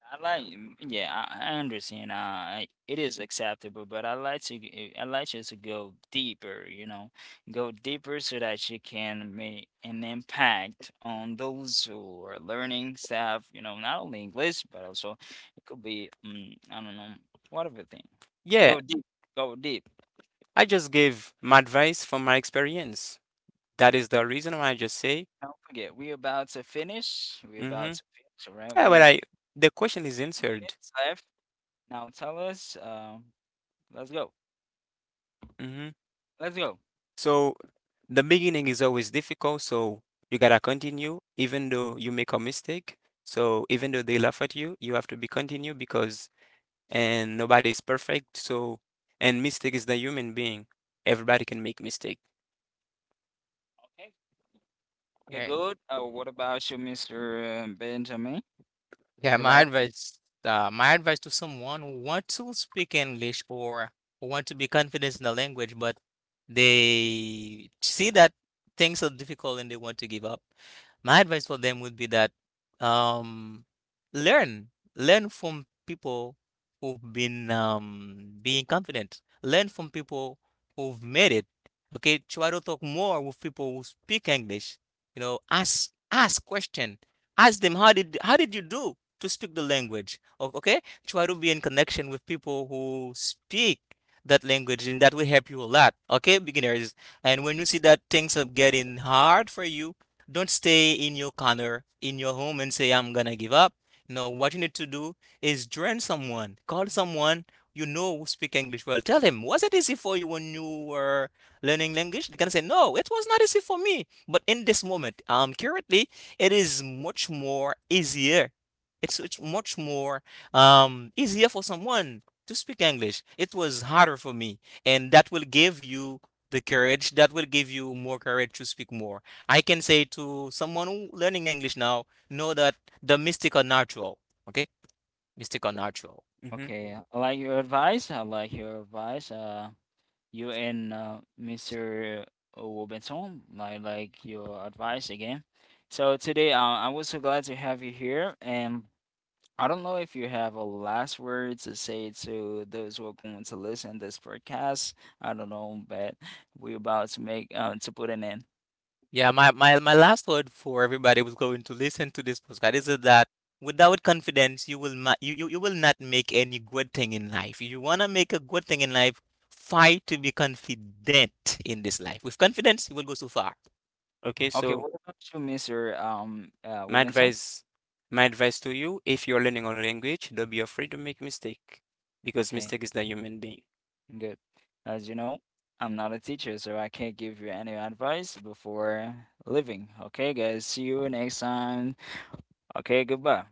[SPEAKER 1] I like, yeah, I understand. It is acceptable, but I like to, I like you to go deeper. You know, go deeper so that you can make an impact on those who are learning stuff. You know, not only English, but also it could be, I don't know, whatever thing.
[SPEAKER 3] Yeah,
[SPEAKER 1] Go deep. Go deep.
[SPEAKER 3] I just give my advice from my experience. That is the reason why I just say,
[SPEAKER 1] Don't forget, we about to finish. We
[SPEAKER 3] mm-hmm.
[SPEAKER 1] about to finish, all right?
[SPEAKER 3] Yeah, but
[SPEAKER 1] We
[SPEAKER 3] I the question is answered.
[SPEAKER 1] minutes left. Now tell us, let's go.
[SPEAKER 3] Mm-hmm.
[SPEAKER 1] Let's go.
[SPEAKER 3] So the beginning is always difficult, so you gotta continue even though you make a mistake. So even though they laugh at you, you have to be continue because and nobody's perfect. So and mistake is the human being. Everybody can make mistake.
[SPEAKER 1] Okay. Okay,
[SPEAKER 2] Great.
[SPEAKER 1] good. What about you, Mr. Benjamin?
[SPEAKER 2] Yeah,
[SPEAKER 1] Would you like?
[SPEAKER 2] my advice to someone who wants to speak English or who want to be confident in the language, but they see that things are difficult and they want to give up. My advice for them would be that um, learn, learn from people who've been being confident. Learn from people who've made it. Okay, try to talk more with people who speak English. You know, ask question, ask them how did you do to speak the language. Okay, try to be in connection with people who speak that language, and that will help you a lot. Okay, beginners, and when you see that things are getting hard for you, don't stay in your corner in your home and say I'm gonna give up. No, what you need to do is join someone, call someone, you know, who speak English well. Tell him was it easy for you when you were learning language. They can say no, it was not easy for me, but in this moment I'm currently it is much more easier. It's much more easier for someone to speak English. It was harder for me, and that will give you the courage. That will give you more courage to speak more. I can say to someone who learning English now, know that the mystic are natural. Okay, mystic are natural.
[SPEAKER 3] Mm-hmm.
[SPEAKER 1] Okay, I like your advice. I like your advice. You and Mr. Robinson, I like your advice again. So today, I was so glad to have you here, and I don't know if you have a last word to say to those who are going to listen this podcast. I don't know, but we're about to make to put an end.
[SPEAKER 2] Yeah, my last word for everybody who's going to listen to this podcast is that without confidence, you will not you will not make any good thing in life. If you wanna make a good thing in life, fight to be confident in this life. With confidence, you will go so far.
[SPEAKER 3] Okay,
[SPEAKER 1] Okay,
[SPEAKER 3] so
[SPEAKER 1] what about you, Mr.
[SPEAKER 3] My
[SPEAKER 1] Robinson?
[SPEAKER 3] advice, my advice to you, if you're learning on a language, don't be afraid to make mistake because
[SPEAKER 1] Okay,
[SPEAKER 3] mistake is the human being.
[SPEAKER 1] good. As you know, I'm not a teacher, so I can't give you any advice before leaving. Okay, guys, see you next time. Okay, goodbye.